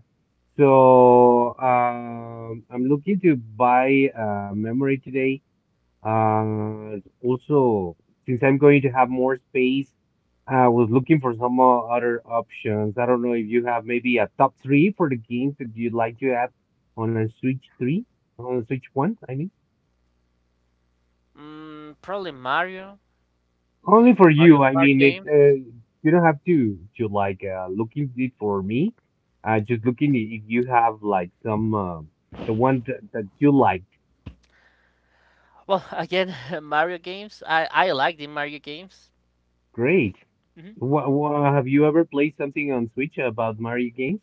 [SPEAKER 1] so I'm looking to buy memory today, and also, since I'm going to have more space, I was looking for some other options. I don't know if you have maybe a top three for the games that you'd like to add on a Switch 3, on a Switch 1, I mean.
[SPEAKER 2] Mm, probably Mario,
[SPEAKER 1] Only
[SPEAKER 2] the
[SPEAKER 1] for
[SPEAKER 2] Mario
[SPEAKER 1] you. I
[SPEAKER 2] Kart
[SPEAKER 1] mean,
[SPEAKER 2] games.
[SPEAKER 1] you don't have to like looking it for me. Just looking if you have like some the one that you liked.
[SPEAKER 2] Well, (laughs) again, (laughs) Mario games. I like the Mario games.
[SPEAKER 1] Great.
[SPEAKER 2] Hmm.
[SPEAKER 1] What, have you ever played something on Switch about Mario games?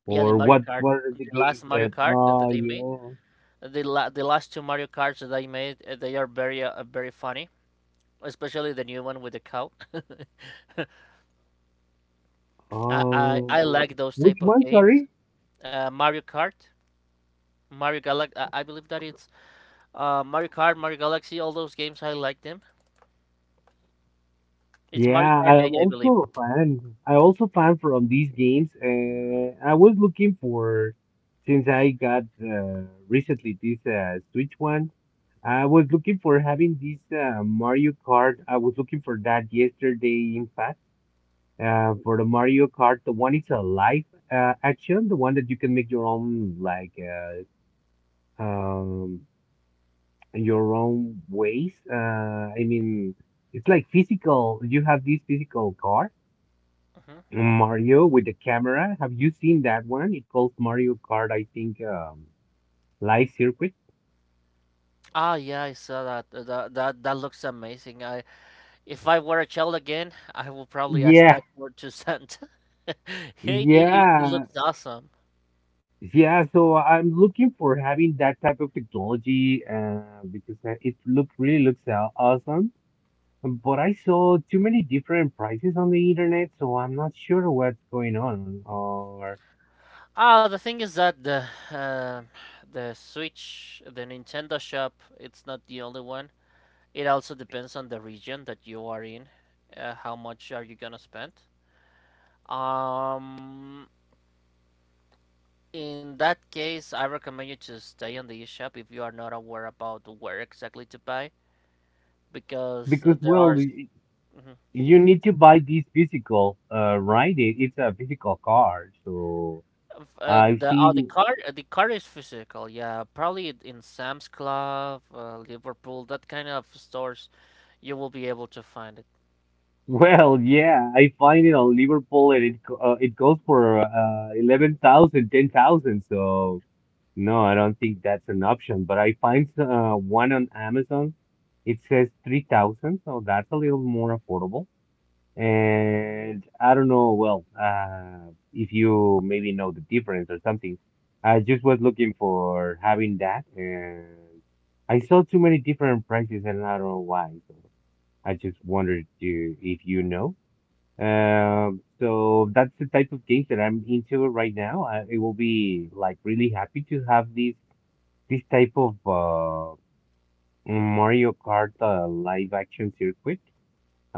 [SPEAKER 2] Yeah, the
[SPEAKER 1] Or
[SPEAKER 2] Mario
[SPEAKER 1] what
[SPEAKER 2] Kart,
[SPEAKER 1] what are the
[SPEAKER 2] the last
[SPEAKER 1] games
[SPEAKER 2] Mario
[SPEAKER 1] that?
[SPEAKER 2] Kart that
[SPEAKER 1] Oh
[SPEAKER 2] they made.
[SPEAKER 1] yeah.
[SPEAKER 2] The the last two Mario Karts that I made, they are very very funny, especially the new one with the cow. (laughs) I
[SPEAKER 1] Oh,
[SPEAKER 2] like those
[SPEAKER 1] which
[SPEAKER 2] type of
[SPEAKER 1] one?
[SPEAKER 2] games.
[SPEAKER 1] Sorry.
[SPEAKER 2] Mario Kart, Mario Galaxy. I believe that it's Mario Kart, Mario Galaxy. All those games, I like them. It's Mario
[SPEAKER 1] Yeah,
[SPEAKER 2] Kart
[SPEAKER 1] I am
[SPEAKER 2] 8, I believe.
[SPEAKER 1] also a fan. I also fan from these games. I was looking for since I got recently this Switch one. I was looking for having this Mario Kart. I was looking for that yesterday, in fact. For the Mario Kart, the one is a live action, the one that you can make your own like uh, um your own ways. I mean, it's like physical. You have this physical car,
[SPEAKER 2] Hmm.
[SPEAKER 1] Mario with the camera. Have you seen that one? It calls Mario Kart, I think, Live Circuit.
[SPEAKER 2] Ah, yeah, I saw that. That looks amazing. I if I were a child again, I will probably ask
[SPEAKER 1] Yeah,
[SPEAKER 2] that for to Santa. (laughs) it, it
[SPEAKER 1] yeah,
[SPEAKER 2] looks awesome.
[SPEAKER 1] yeah. So I'm looking for having that type of technology because it look really looks awesome. But I saw too many different prices on the internet, so I'm not sure what's going on. Or
[SPEAKER 2] Ah, the thing is that uh, the Switch, the Nintendo shop, it's not the only one. It also depends on the region that you are in. How much are you gonna spend? Um, in that case, I recommend you to stay on the eShop if you are not aware about where exactly to buy, because
[SPEAKER 1] because,
[SPEAKER 2] there
[SPEAKER 1] well,
[SPEAKER 2] are. Mhm.
[SPEAKER 1] you need to buy this physical, right, it's a physical car. So
[SPEAKER 2] F-
[SPEAKER 1] I
[SPEAKER 2] Uh,
[SPEAKER 1] have
[SPEAKER 2] the oh, the
[SPEAKER 1] seen. (laughs)
[SPEAKER 2] card uh, the card is physical, yeah. Probably in Sam's Club, Liverpool, that kind of stores, you will be able to find it.
[SPEAKER 1] Well, yeah, I find it on Liverpool, and it goes for 11,000, 10,000. So. No, I don't think that's an option, but I find one on Amazon. It says 3000, so that's a little more affordable. And I don't know, well, if you maybe know the difference or something. I just was looking for having that, and I saw too many different prices, and I don't know why. So I just wondered to, if you know. So that's the type of games that I'm into right now. I will be like really happy to have this type of Mario Kart live action circuit.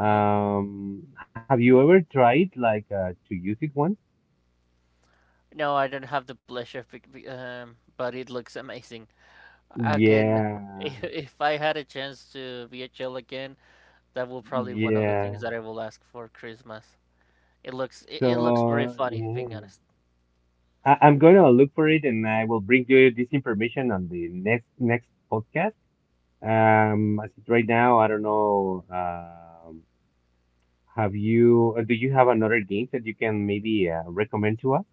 [SPEAKER 2] Hmm.
[SPEAKER 1] Have you ever tried like to use it once?
[SPEAKER 2] No, I don't have the pleasure, but it looks amazing. Again, (laughs)
[SPEAKER 1] Yeah,
[SPEAKER 2] if I had a chance to VHL again, that will probably one of the things
[SPEAKER 1] yeah.
[SPEAKER 2] that I will ask for Christmas. It looks very
[SPEAKER 1] So
[SPEAKER 2] funny,
[SPEAKER 1] yeah,
[SPEAKER 2] being honest.
[SPEAKER 1] I'm gonna look for it, and I will bring you this information on the next podcast. As it right now, I don't know. Have you? Do you have another game that you can maybe recommend to us?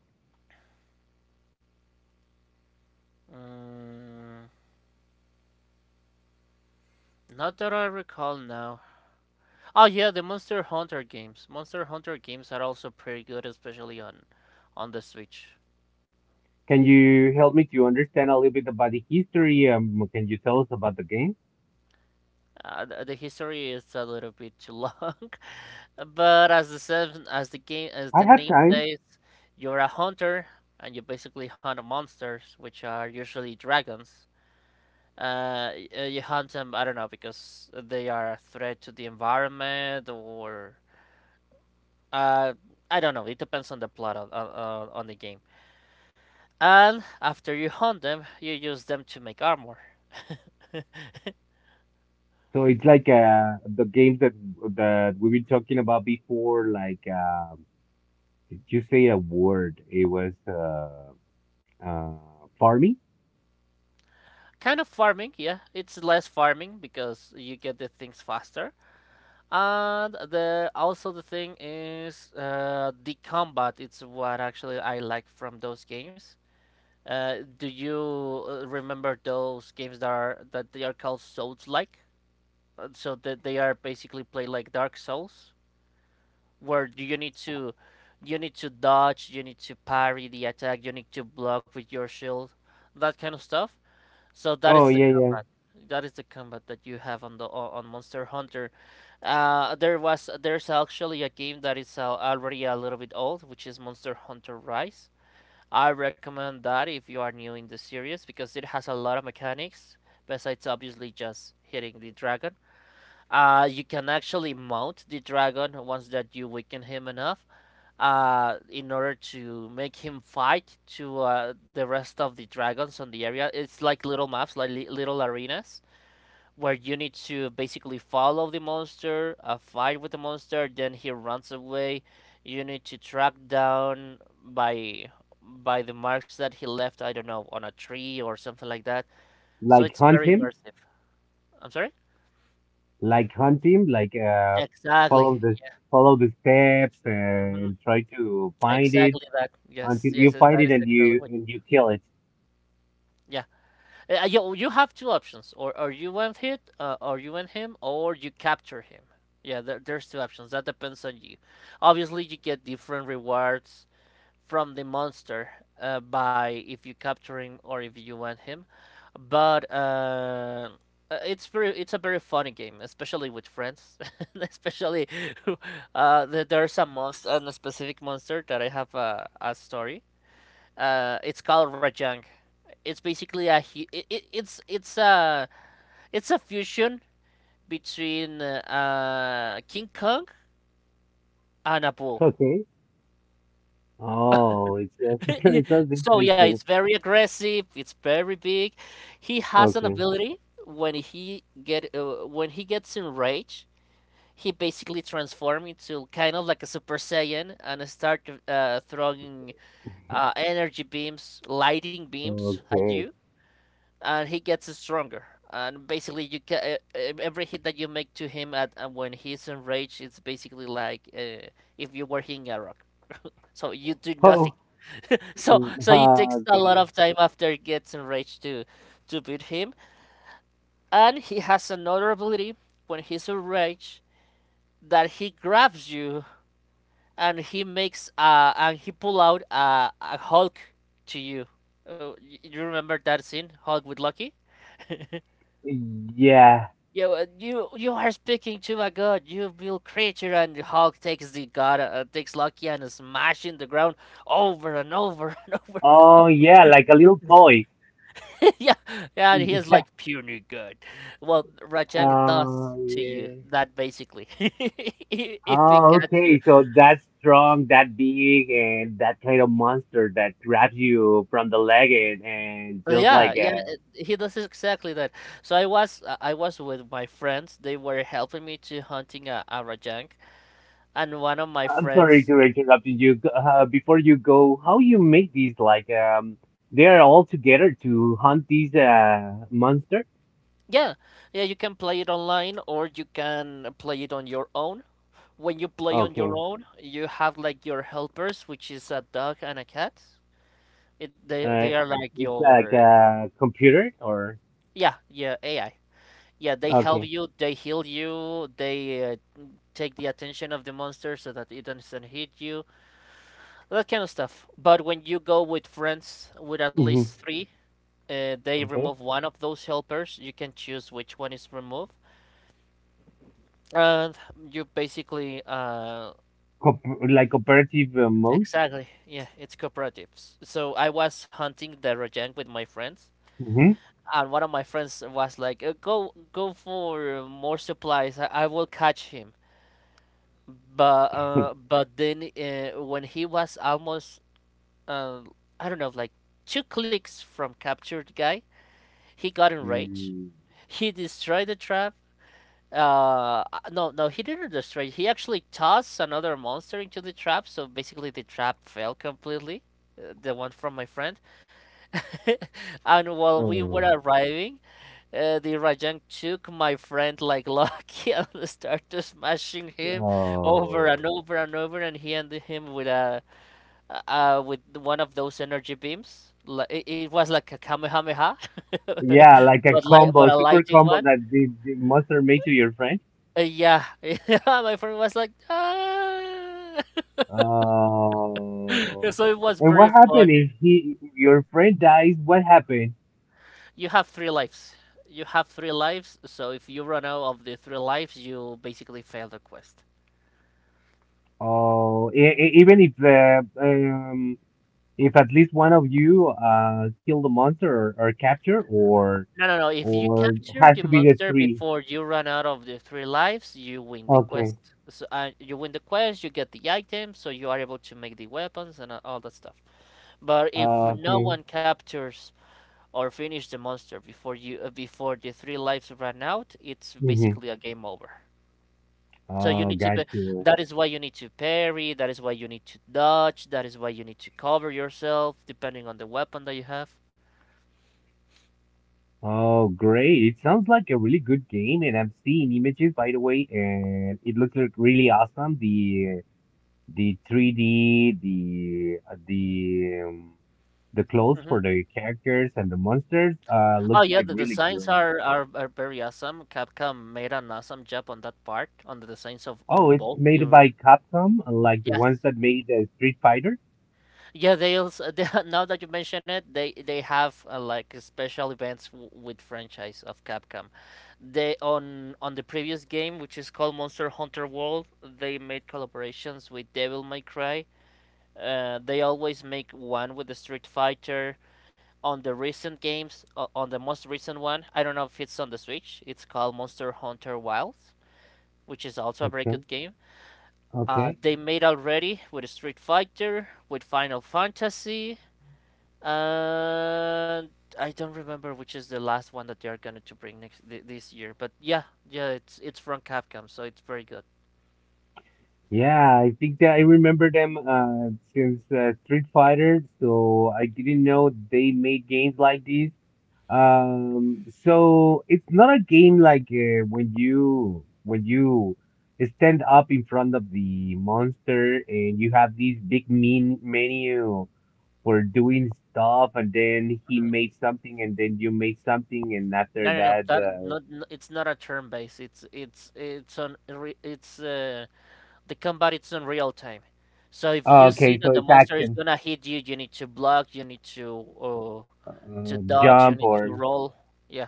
[SPEAKER 2] Mm, not that I recall now. Oh yeah, the Monster Hunter games. Monster Hunter games are also pretty good, especially on the Switch.
[SPEAKER 1] Can you help me to understand a little bit about the history? Can you tell us about the game?
[SPEAKER 2] The history is a little bit too long, (laughs) but as the game as
[SPEAKER 1] I
[SPEAKER 2] the
[SPEAKER 1] have
[SPEAKER 2] name
[SPEAKER 1] time.
[SPEAKER 2] says, you're a hunter and you basically hunt monsters, which are usually dragons. You hunt them, I don't know, because they are a threat to the environment or uh, I don't know. It depends on the plot on the game. And after you hunt them, you use them to make armor. (laughs)
[SPEAKER 1] So it's like the games that we've been talking about before. Like, did you say a word? It was farming.
[SPEAKER 2] Kind of farming, yeah. It's less farming because you get the things faster. And the also the thing is the combat. It's what actually I like from those games. Do you remember those games that they are called Souls-like? So that they are basically played like Dark Souls, where you need to dodge, you need to parry the attack, you need to block with your shield, that kind of stuff. So that
[SPEAKER 1] Oh
[SPEAKER 2] is the
[SPEAKER 1] yeah, yeah.
[SPEAKER 2] combat. That is the combat that you have on Monster Hunter. There's actually a game that is already a little bit old, which is Monster Hunter Rise. I recommend that if you are new in the series because it has a lot of mechanics besides obviously just hitting the dragon. You can actually mount the dragon once that you weaken him enough in order to make him fight to the rest of the dragons on the area. It's like little maps, like little arenas where you need to basically follow the monster, fight with the monster, then he runs away. You need to track down by by the marks that he left, I don't know, on a tree or something like that, so
[SPEAKER 1] Like
[SPEAKER 2] it's
[SPEAKER 1] hunt
[SPEAKER 2] very
[SPEAKER 1] him,
[SPEAKER 2] immersive. I'm sorry.
[SPEAKER 1] like hunt him, like
[SPEAKER 2] Exactly.
[SPEAKER 1] follow the steps
[SPEAKER 2] Yeah. Hmm,
[SPEAKER 1] and try to find it
[SPEAKER 2] exactly that. Yes,
[SPEAKER 1] until you
[SPEAKER 2] yes, that
[SPEAKER 1] find it
[SPEAKER 2] is
[SPEAKER 1] and
[SPEAKER 2] exactly
[SPEAKER 1] you
[SPEAKER 2] what
[SPEAKER 1] and
[SPEAKER 2] you do.
[SPEAKER 1] you kill it.
[SPEAKER 2] Yeah. You have two options, or you win him, or you capture him. Yeah, there's two options. That depends on you. Obviously, you get different rewards from the monster by if you capture him or if you win him. But It's very, it's a very funny game, especially with friends. (laughs) Especially there's a monster, a specific monster that I have a story. It's called Rajang. It's basically a hu- it, it's a fusion between King Kong and a bull.
[SPEAKER 1] Okay. Oh, it's (laughs)
[SPEAKER 2] (laughs)
[SPEAKER 1] it sounds
[SPEAKER 2] So yeah, it's
[SPEAKER 1] interesting.
[SPEAKER 2] very aggressive. It's very big. He has an
[SPEAKER 1] Okay,
[SPEAKER 2] ability when he gets enraged, he basically transforms into kind of like a Super Saiyan and start throwing energy beams, lighting beams at you,
[SPEAKER 1] okay.
[SPEAKER 2] and he gets stronger. And basically, every hit that you make to him at when he's enraged, it's basically like if you were hitting a rock. So you do
[SPEAKER 1] Oh,
[SPEAKER 2] nothing. (laughs) So so it takes a lot
[SPEAKER 1] okay.
[SPEAKER 2] of time after he gets enraged to beat him. And he has another ability when he's enraged that he grabs you and he makes and he pull out a Hulk to you. Oh, you remember that scene, Hulk with Lucky?
[SPEAKER 1] Yeah.
[SPEAKER 2] You, you are speaking to a god, you will creature, and Hulk takes the god, takes Loki and smashing the ground over and over (laughs) and over.
[SPEAKER 1] Oh yeah, like a little toy.
[SPEAKER 2] (laughs) Yeah, yeah, and he is like
[SPEAKER 1] Yeah.
[SPEAKER 2] puny good. Well, Rajang does to you
[SPEAKER 1] Yeah.
[SPEAKER 2] that basically, (laughs) if he
[SPEAKER 1] Oh,
[SPEAKER 2] catch you.
[SPEAKER 1] okay. So that strong, that big, and that kind of monster that grabs you from the leg, and just
[SPEAKER 2] Yeah,
[SPEAKER 1] like
[SPEAKER 2] yeah, he does exactly that. So I was with my friends. They were helping me to hunting a Rajang, and one of my
[SPEAKER 1] I'm sorry
[SPEAKER 2] friends.
[SPEAKER 1] to interrupt you. G- before you go, how you make these they are all together to hunt these monster?
[SPEAKER 2] Yeah, yeah, you can play it online or you can play it on your own. When you play on your
[SPEAKER 1] Okay.
[SPEAKER 2] own, you have like your helpers, which is a dog and a cat. It they
[SPEAKER 1] Uh,
[SPEAKER 2] are like
[SPEAKER 1] it's like
[SPEAKER 2] your,
[SPEAKER 1] a computer or
[SPEAKER 2] yeah, yeah, AI. Yeah, they help
[SPEAKER 1] okay.
[SPEAKER 2] you, they heal you, they take the attention of the monster so that it doesn't hit you, that kind of stuff. But when you go with friends with at least
[SPEAKER 1] Hmm.
[SPEAKER 2] three, they
[SPEAKER 1] Okay.
[SPEAKER 2] remove one of those helpers. You can choose which one is removed. Uh, you basically
[SPEAKER 1] Cooper like cooperative mode.
[SPEAKER 2] Exactly, yeah, it's cooperatives. So I was hunting the Rajang with my friends, and one of my friends was like, "Go, go for more supplies. I will catch him." But uh,
[SPEAKER 1] (laughs)
[SPEAKER 2] but then uh, when he was almost uh, I don't know, like two clicks from captured guy, he got enraged.
[SPEAKER 1] Mm,
[SPEAKER 2] He destroyed the trap. No, no, he didn't destroy. He actually tossed another monster into the trap, so basically the trap fell completely. The one from my friend, (laughs) and while we were
[SPEAKER 1] oh,
[SPEAKER 2] arriving, the Rajang took my friend like lucky (laughs) and started smashing him over and
[SPEAKER 1] oh,
[SPEAKER 2] over and over, and he ended him with a with one of those energy beams. Like it was like a Kamehameha, (laughs)
[SPEAKER 1] yeah, like a
[SPEAKER 2] but but
[SPEAKER 1] combo,
[SPEAKER 2] a
[SPEAKER 1] super
[SPEAKER 2] lighting
[SPEAKER 1] combo
[SPEAKER 2] one.
[SPEAKER 1] that the monster made to your friend.
[SPEAKER 2] Yeah, (laughs) yeah. My friend was like, ah. (laughs)
[SPEAKER 1] Oh,
[SPEAKER 2] So it was
[SPEAKER 1] and what
[SPEAKER 2] very
[SPEAKER 1] happened
[SPEAKER 2] funny.
[SPEAKER 1] if your friend dies? What happened?
[SPEAKER 2] You have three lives. You have three lives. So if you run out of the three lives, you basically fail the quest.
[SPEAKER 1] Oh, even if at least one of you kill the monster, or capture, or
[SPEAKER 2] No, no, no. If you capture
[SPEAKER 1] has
[SPEAKER 2] the
[SPEAKER 1] to be the
[SPEAKER 2] monster
[SPEAKER 1] three.
[SPEAKER 2] before you run out of the three lives, you win the quest.
[SPEAKER 1] Okay.
[SPEAKER 2] So you win the quest. You get the items, so you are able to make the weapons and all that stuff. But if no
[SPEAKER 1] Okay.
[SPEAKER 2] one captures or finish the monster before you before the three lives run out, it's
[SPEAKER 1] Mm-hmm.
[SPEAKER 2] basically a game over. So you
[SPEAKER 1] Oh,
[SPEAKER 2] need to
[SPEAKER 1] got
[SPEAKER 2] be,
[SPEAKER 1] you.
[SPEAKER 2] that is why you need to parry, that is why you need to dodge, that is why you need to cover yourself depending on the weapon that you have.
[SPEAKER 1] Oh, great. It sounds like a really good game, and I'm seeing images, by the way, and it looks like really awesome. The 3D, the clothes
[SPEAKER 2] Hmm.
[SPEAKER 1] for the characters and the monsters
[SPEAKER 2] Oh
[SPEAKER 1] looks
[SPEAKER 2] yeah,
[SPEAKER 1] like
[SPEAKER 2] the
[SPEAKER 1] really
[SPEAKER 2] designs
[SPEAKER 1] great.
[SPEAKER 2] are, are very awesome. Capcom made an awesome job on that part, on the designs of
[SPEAKER 1] Oh,
[SPEAKER 2] on
[SPEAKER 1] it's
[SPEAKER 2] both
[SPEAKER 1] made
[SPEAKER 2] the,
[SPEAKER 1] by Capcom, like the
[SPEAKER 2] yes.
[SPEAKER 1] ones that made Street Fighter.
[SPEAKER 2] Yeah, they also (laughs) they, now that you mention it, they have like special events w with franchise of Capcom. They on the previous game, which is called Monster Hunter World, they made collaborations with Devil May Cry. They always make one with the Street Fighter. On the recent games, on the most recent one, I don't know if it's on the Switch. It's called Monster Hunter Wilds, which is also a very
[SPEAKER 1] Okay.
[SPEAKER 2] good game.
[SPEAKER 1] Okay.
[SPEAKER 2] They made already with Street Fighter, with Final Fantasy. Uh, I don't remember which is the last one that they are going to bring next this year, but yeah, yeah, it's from Capcom, so it's very good.
[SPEAKER 1] Yeah, I think that I remember them since Street Fighter, so I didn't know they made games like this. So it's not a game like when you stand up in front of the monster and you have this big mean menu for doing stuff, and then he made something, and then you made something, and
[SPEAKER 2] No,
[SPEAKER 1] after
[SPEAKER 2] no, no,
[SPEAKER 1] that,
[SPEAKER 2] that not, n it's not a turn base. It's uh the combat, it's on real time. So if
[SPEAKER 1] oh,
[SPEAKER 2] you see
[SPEAKER 1] okay, so
[SPEAKER 2] that the
[SPEAKER 1] it's
[SPEAKER 2] monster is
[SPEAKER 1] action,
[SPEAKER 2] gonna hit you, you need to block, you need to dodge, you
[SPEAKER 1] jump
[SPEAKER 2] need to
[SPEAKER 1] or.
[SPEAKER 2] roll. Yeah.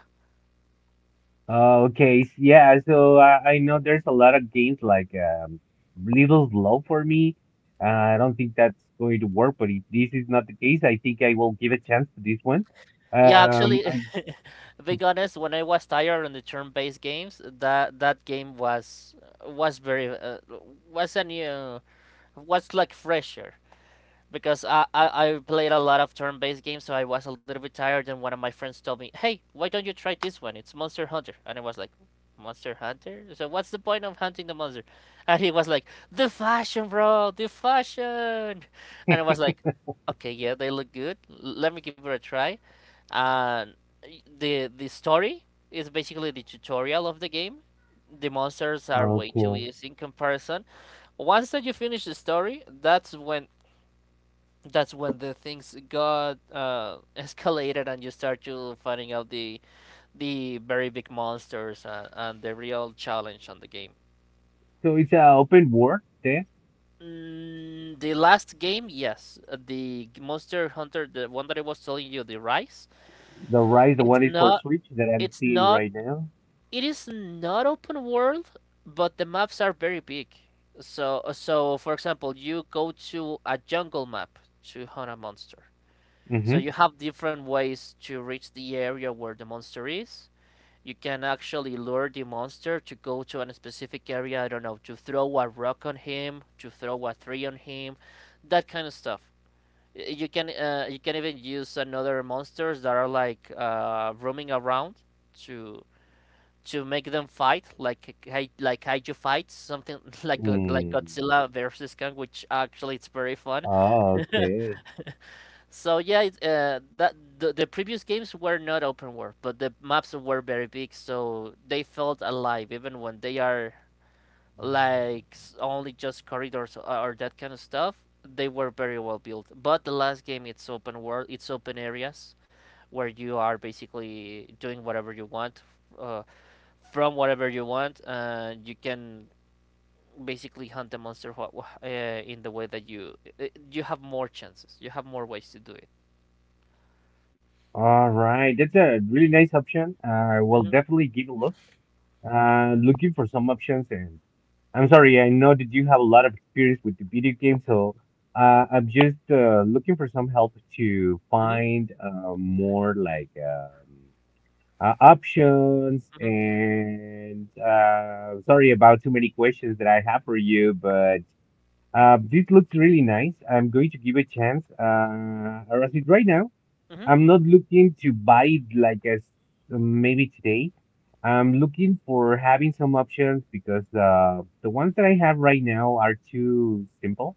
[SPEAKER 1] Oh, okay. Yeah, so I know there's a lot of games like little slow for me. I don't think that's going to work, but if this is not the case, I think I will give a chance to this one.
[SPEAKER 2] Yeah, actually,
[SPEAKER 1] I
[SPEAKER 2] (laughs) being honest, when I was tired on the turn-based games, that game was very was a new, was like fresher because I played a lot of turn-based games, so I was a little bit tired. And one of my friends told me, "Hey, why don't you try this one? It's Monster Hunter." And I was like, "Monster Hunter? So what's the point of hunting the monster?" (laughs) And he was like, "The fashion, bro, the fashion." And I was like, "Okay, yeah, they look good. Let me give it a try." And the story is basically the tutorial of the game. The monsters are way
[SPEAKER 1] okay.
[SPEAKER 2] too easy in comparison. Once that you finish the story, that's when the things got (laughs) escalated, and you start to finding out the very big monsters and the real challenge on the game.
[SPEAKER 1] So it's an open world there.
[SPEAKER 2] Mm, the last game, yes, the Monster Hunter, the one that I was telling you, the Rise.
[SPEAKER 1] The Rise, the
[SPEAKER 2] It's
[SPEAKER 1] one is for
[SPEAKER 2] not.
[SPEAKER 1] Switch that I'm
[SPEAKER 2] It's
[SPEAKER 1] seeing
[SPEAKER 2] not
[SPEAKER 1] right now.
[SPEAKER 2] It is not open world, but the maps are very big. So for example, you go to a jungle map to hunt a monster. So
[SPEAKER 1] Mm-hmm.
[SPEAKER 2] you have different ways to reach the area where the monster is. You can actually lure the monster to go to a specific area, I don't know, to throw a rock on him, to throw a tree on him, that kind of stuff. You can even use another monsters that are like roaming around to to make them fight like like kaiju fights, something (laughs) like
[SPEAKER 1] Mm.
[SPEAKER 2] Godzilla versus Kong, which actually it's very fun.
[SPEAKER 1] Oh, okay.
[SPEAKER 2] So yeah, it, that the previous games were not open world, but the maps were very big, so they felt alive even when they are like only just corridors or that kind of stuff. They were very well built, but the last game, it's open world, it's open areas where you are basically doing whatever you want, uh, from whatever you want, and you can basically hunt the monster in the way that you uh, you have more chances. You have more ways to do it.
[SPEAKER 1] All right. That's a really nice option. I will
[SPEAKER 2] Mm-hmm.
[SPEAKER 1] definitely give a look. Looking for some options, and I'm sorry, I know that you have a lot of experience with the video game, so I'm just looking for some help to
[SPEAKER 2] Mm-hmm.
[SPEAKER 1] find more like options.
[SPEAKER 2] Mm-hmm.
[SPEAKER 1] And sorry about too many questions that I have for you, but this looks really nice. I'm going to give it a chance. I'll it right now.
[SPEAKER 2] Mm-hmm.
[SPEAKER 1] I'm not looking to buy it like as maybe today. I'm looking for having some options because the ones that I have right now are too simple.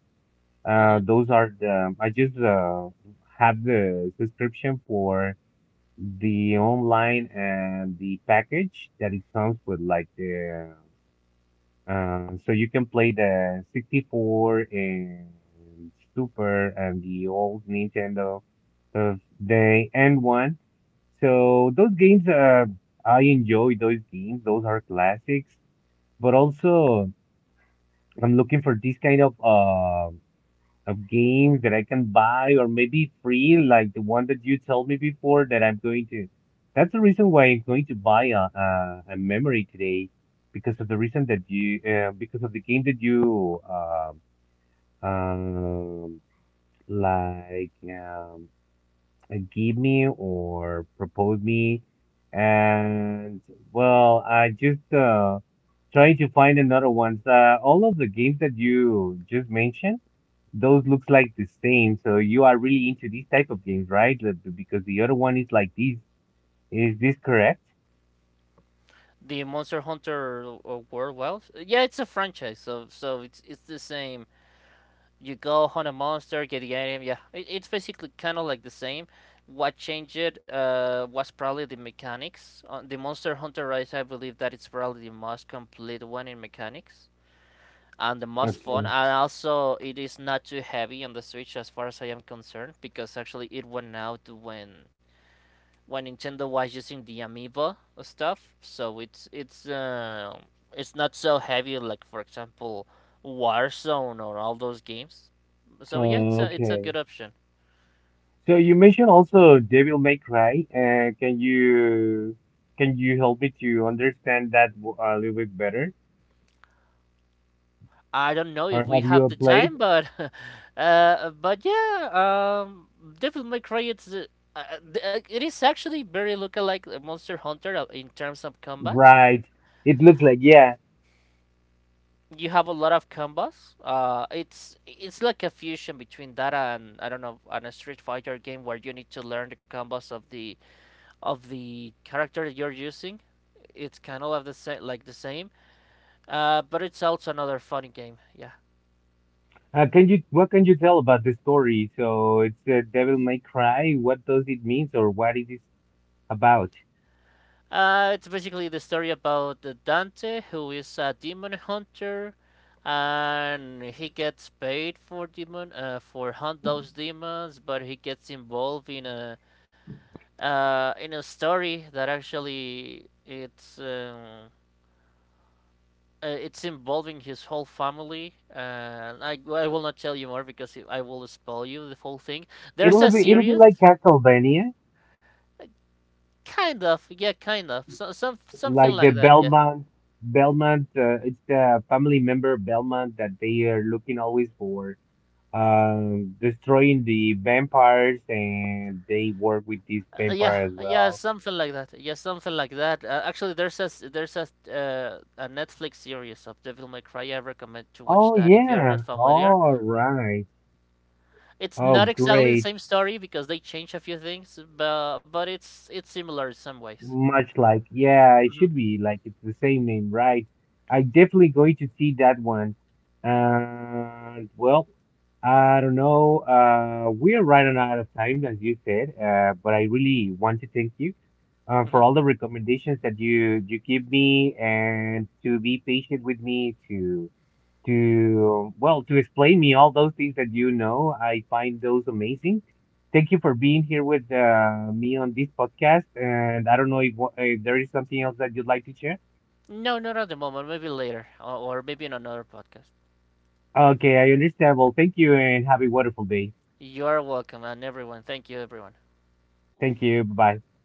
[SPEAKER 2] Hmm.
[SPEAKER 1] Those are the I just have the subscription for the online and the package that it comes with, like the so you can play the 64 and Super and the old Nintendo of the N1. So those games, I enjoy those games. Those are classics. But also, I'm looking for this kind of games that I can buy or maybe free, like the one that you told me before that I'm going to. That's the reason why I'm going to buy a memory today, because of the reason that you because of the game that you um like um give me or propose me. And, well, I just try to find another ones. All of the games that you just mentioned, those looks like the same. So you are really into these type of games, right? Like, because the other one is like these. Is this correct?
[SPEAKER 2] The Monster Hunter World, well, yeah, it's a franchise, so so it's the same. You go hunt a monster, get the item. Yeah, it's basically kind of like the same. What changed it was probably the mechanics. On The Monster Hunter Rise, I believe that it's probably the most complete one in mechanics. And the most fun,
[SPEAKER 1] Okay.
[SPEAKER 2] and also it is not too heavy on the Switch as far as I am concerned, because actually it went out when Nintendo was using the amiibo stuff, so it's not so heavy, like, for example, Warzone or all those games. So yeah,
[SPEAKER 1] Oh,
[SPEAKER 2] it's it's a
[SPEAKER 1] okay.
[SPEAKER 2] good option.
[SPEAKER 1] So you mentioned also Devil May Cry. Can you help me to understand that a little bit better?
[SPEAKER 2] I don't know
[SPEAKER 1] Or
[SPEAKER 2] if we
[SPEAKER 1] have
[SPEAKER 2] have
[SPEAKER 1] you
[SPEAKER 2] the
[SPEAKER 1] played?
[SPEAKER 2] time, but (laughs) but yeah, um, Devil May Cry, it's uh, it is actually very lookalike Monster Hunter in terms of combat.
[SPEAKER 1] Right. It looks like, yeah.
[SPEAKER 2] You have a lot of combos. It's like a fusion between that and I don't know, and a Street Fighter game where you need to learn the combos of the character that you're using. It's kind of like the same, like the same. But it's also another funny game. Yeah.
[SPEAKER 1] Can you what can you tell about the story? So it's Devil May Cry. What does it mean, or what it is about?
[SPEAKER 2] It's basically the story about Dante, who is a demon hunter, and he gets paid for demon for hunt those demons, but he gets involved in a story that actually it's involving his whole family. And I will not tell you more because I will spoil you the whole thing. There's
[SPEAKER 1] It'll
[SPEAKER 2] a
[SPEAKER 1] be it'll be
[SPEAKER 2] series,
[SPEAKER 1] like Castlevania,
[SPEAKER 2] kind of, yeah, kind of, so, some something
[SPEAKER 1] like the
[SPEAKER 2] like that, yeah.
[SPEAKER 1] Belmont. It's the family member Belmont that they are looking always for, destroying the vampires, and they work with these vampire as
[SPEAKER 2] Yeah,
[SPEAKER 1] well.
[SPEAKER 2] something like that. Yeah, something like that. Actually, there's there's a Netflix series of Devil May Cry. I recommend to watch
[SPEAKER 1] Oh
[SPEAKER 2] that if you are not
[SPEAKER 1] yeah.
[SPEAKER 2] familiar.
[SPEAKER 1] All right.
[SPEAKER 2] It's
[SPEAKER 1] Oh
[SPEAKER 2] not exactly the
[SPEAKER 1] great.
[SPEAKER 2] same story because they change a few things, but it's similar in some ways.
[SPEAKER 1] Much like, yeah, it
[SPEAKER 2] Hmm.
[SPEAKER 1] should be like it's the same name, right? I definitely going to see that one. And, well, I don't know. We are running out of time, as you said. But I really want to thank you
[SPEAKER 2] Hmm.
[SPEAKER 1] for all the recommendations that you give me, and to be patient with me, well, to explain me all those things that you know. I find those amazing. Thank you for being here with me on this podcast. And I don't know if there is something else that you'd like to share.
[SPEAKER 2] No, not at the moment. Maybe later, or maybe in another podcast.
[SPEAKER 1] Okay, I understand. Well, thank you and have a wonderful day.
[SPEAKER 2] You are welcome, and everyone. Thank you, everyone.
[SPEAKER 1] Thank you. Bye bye.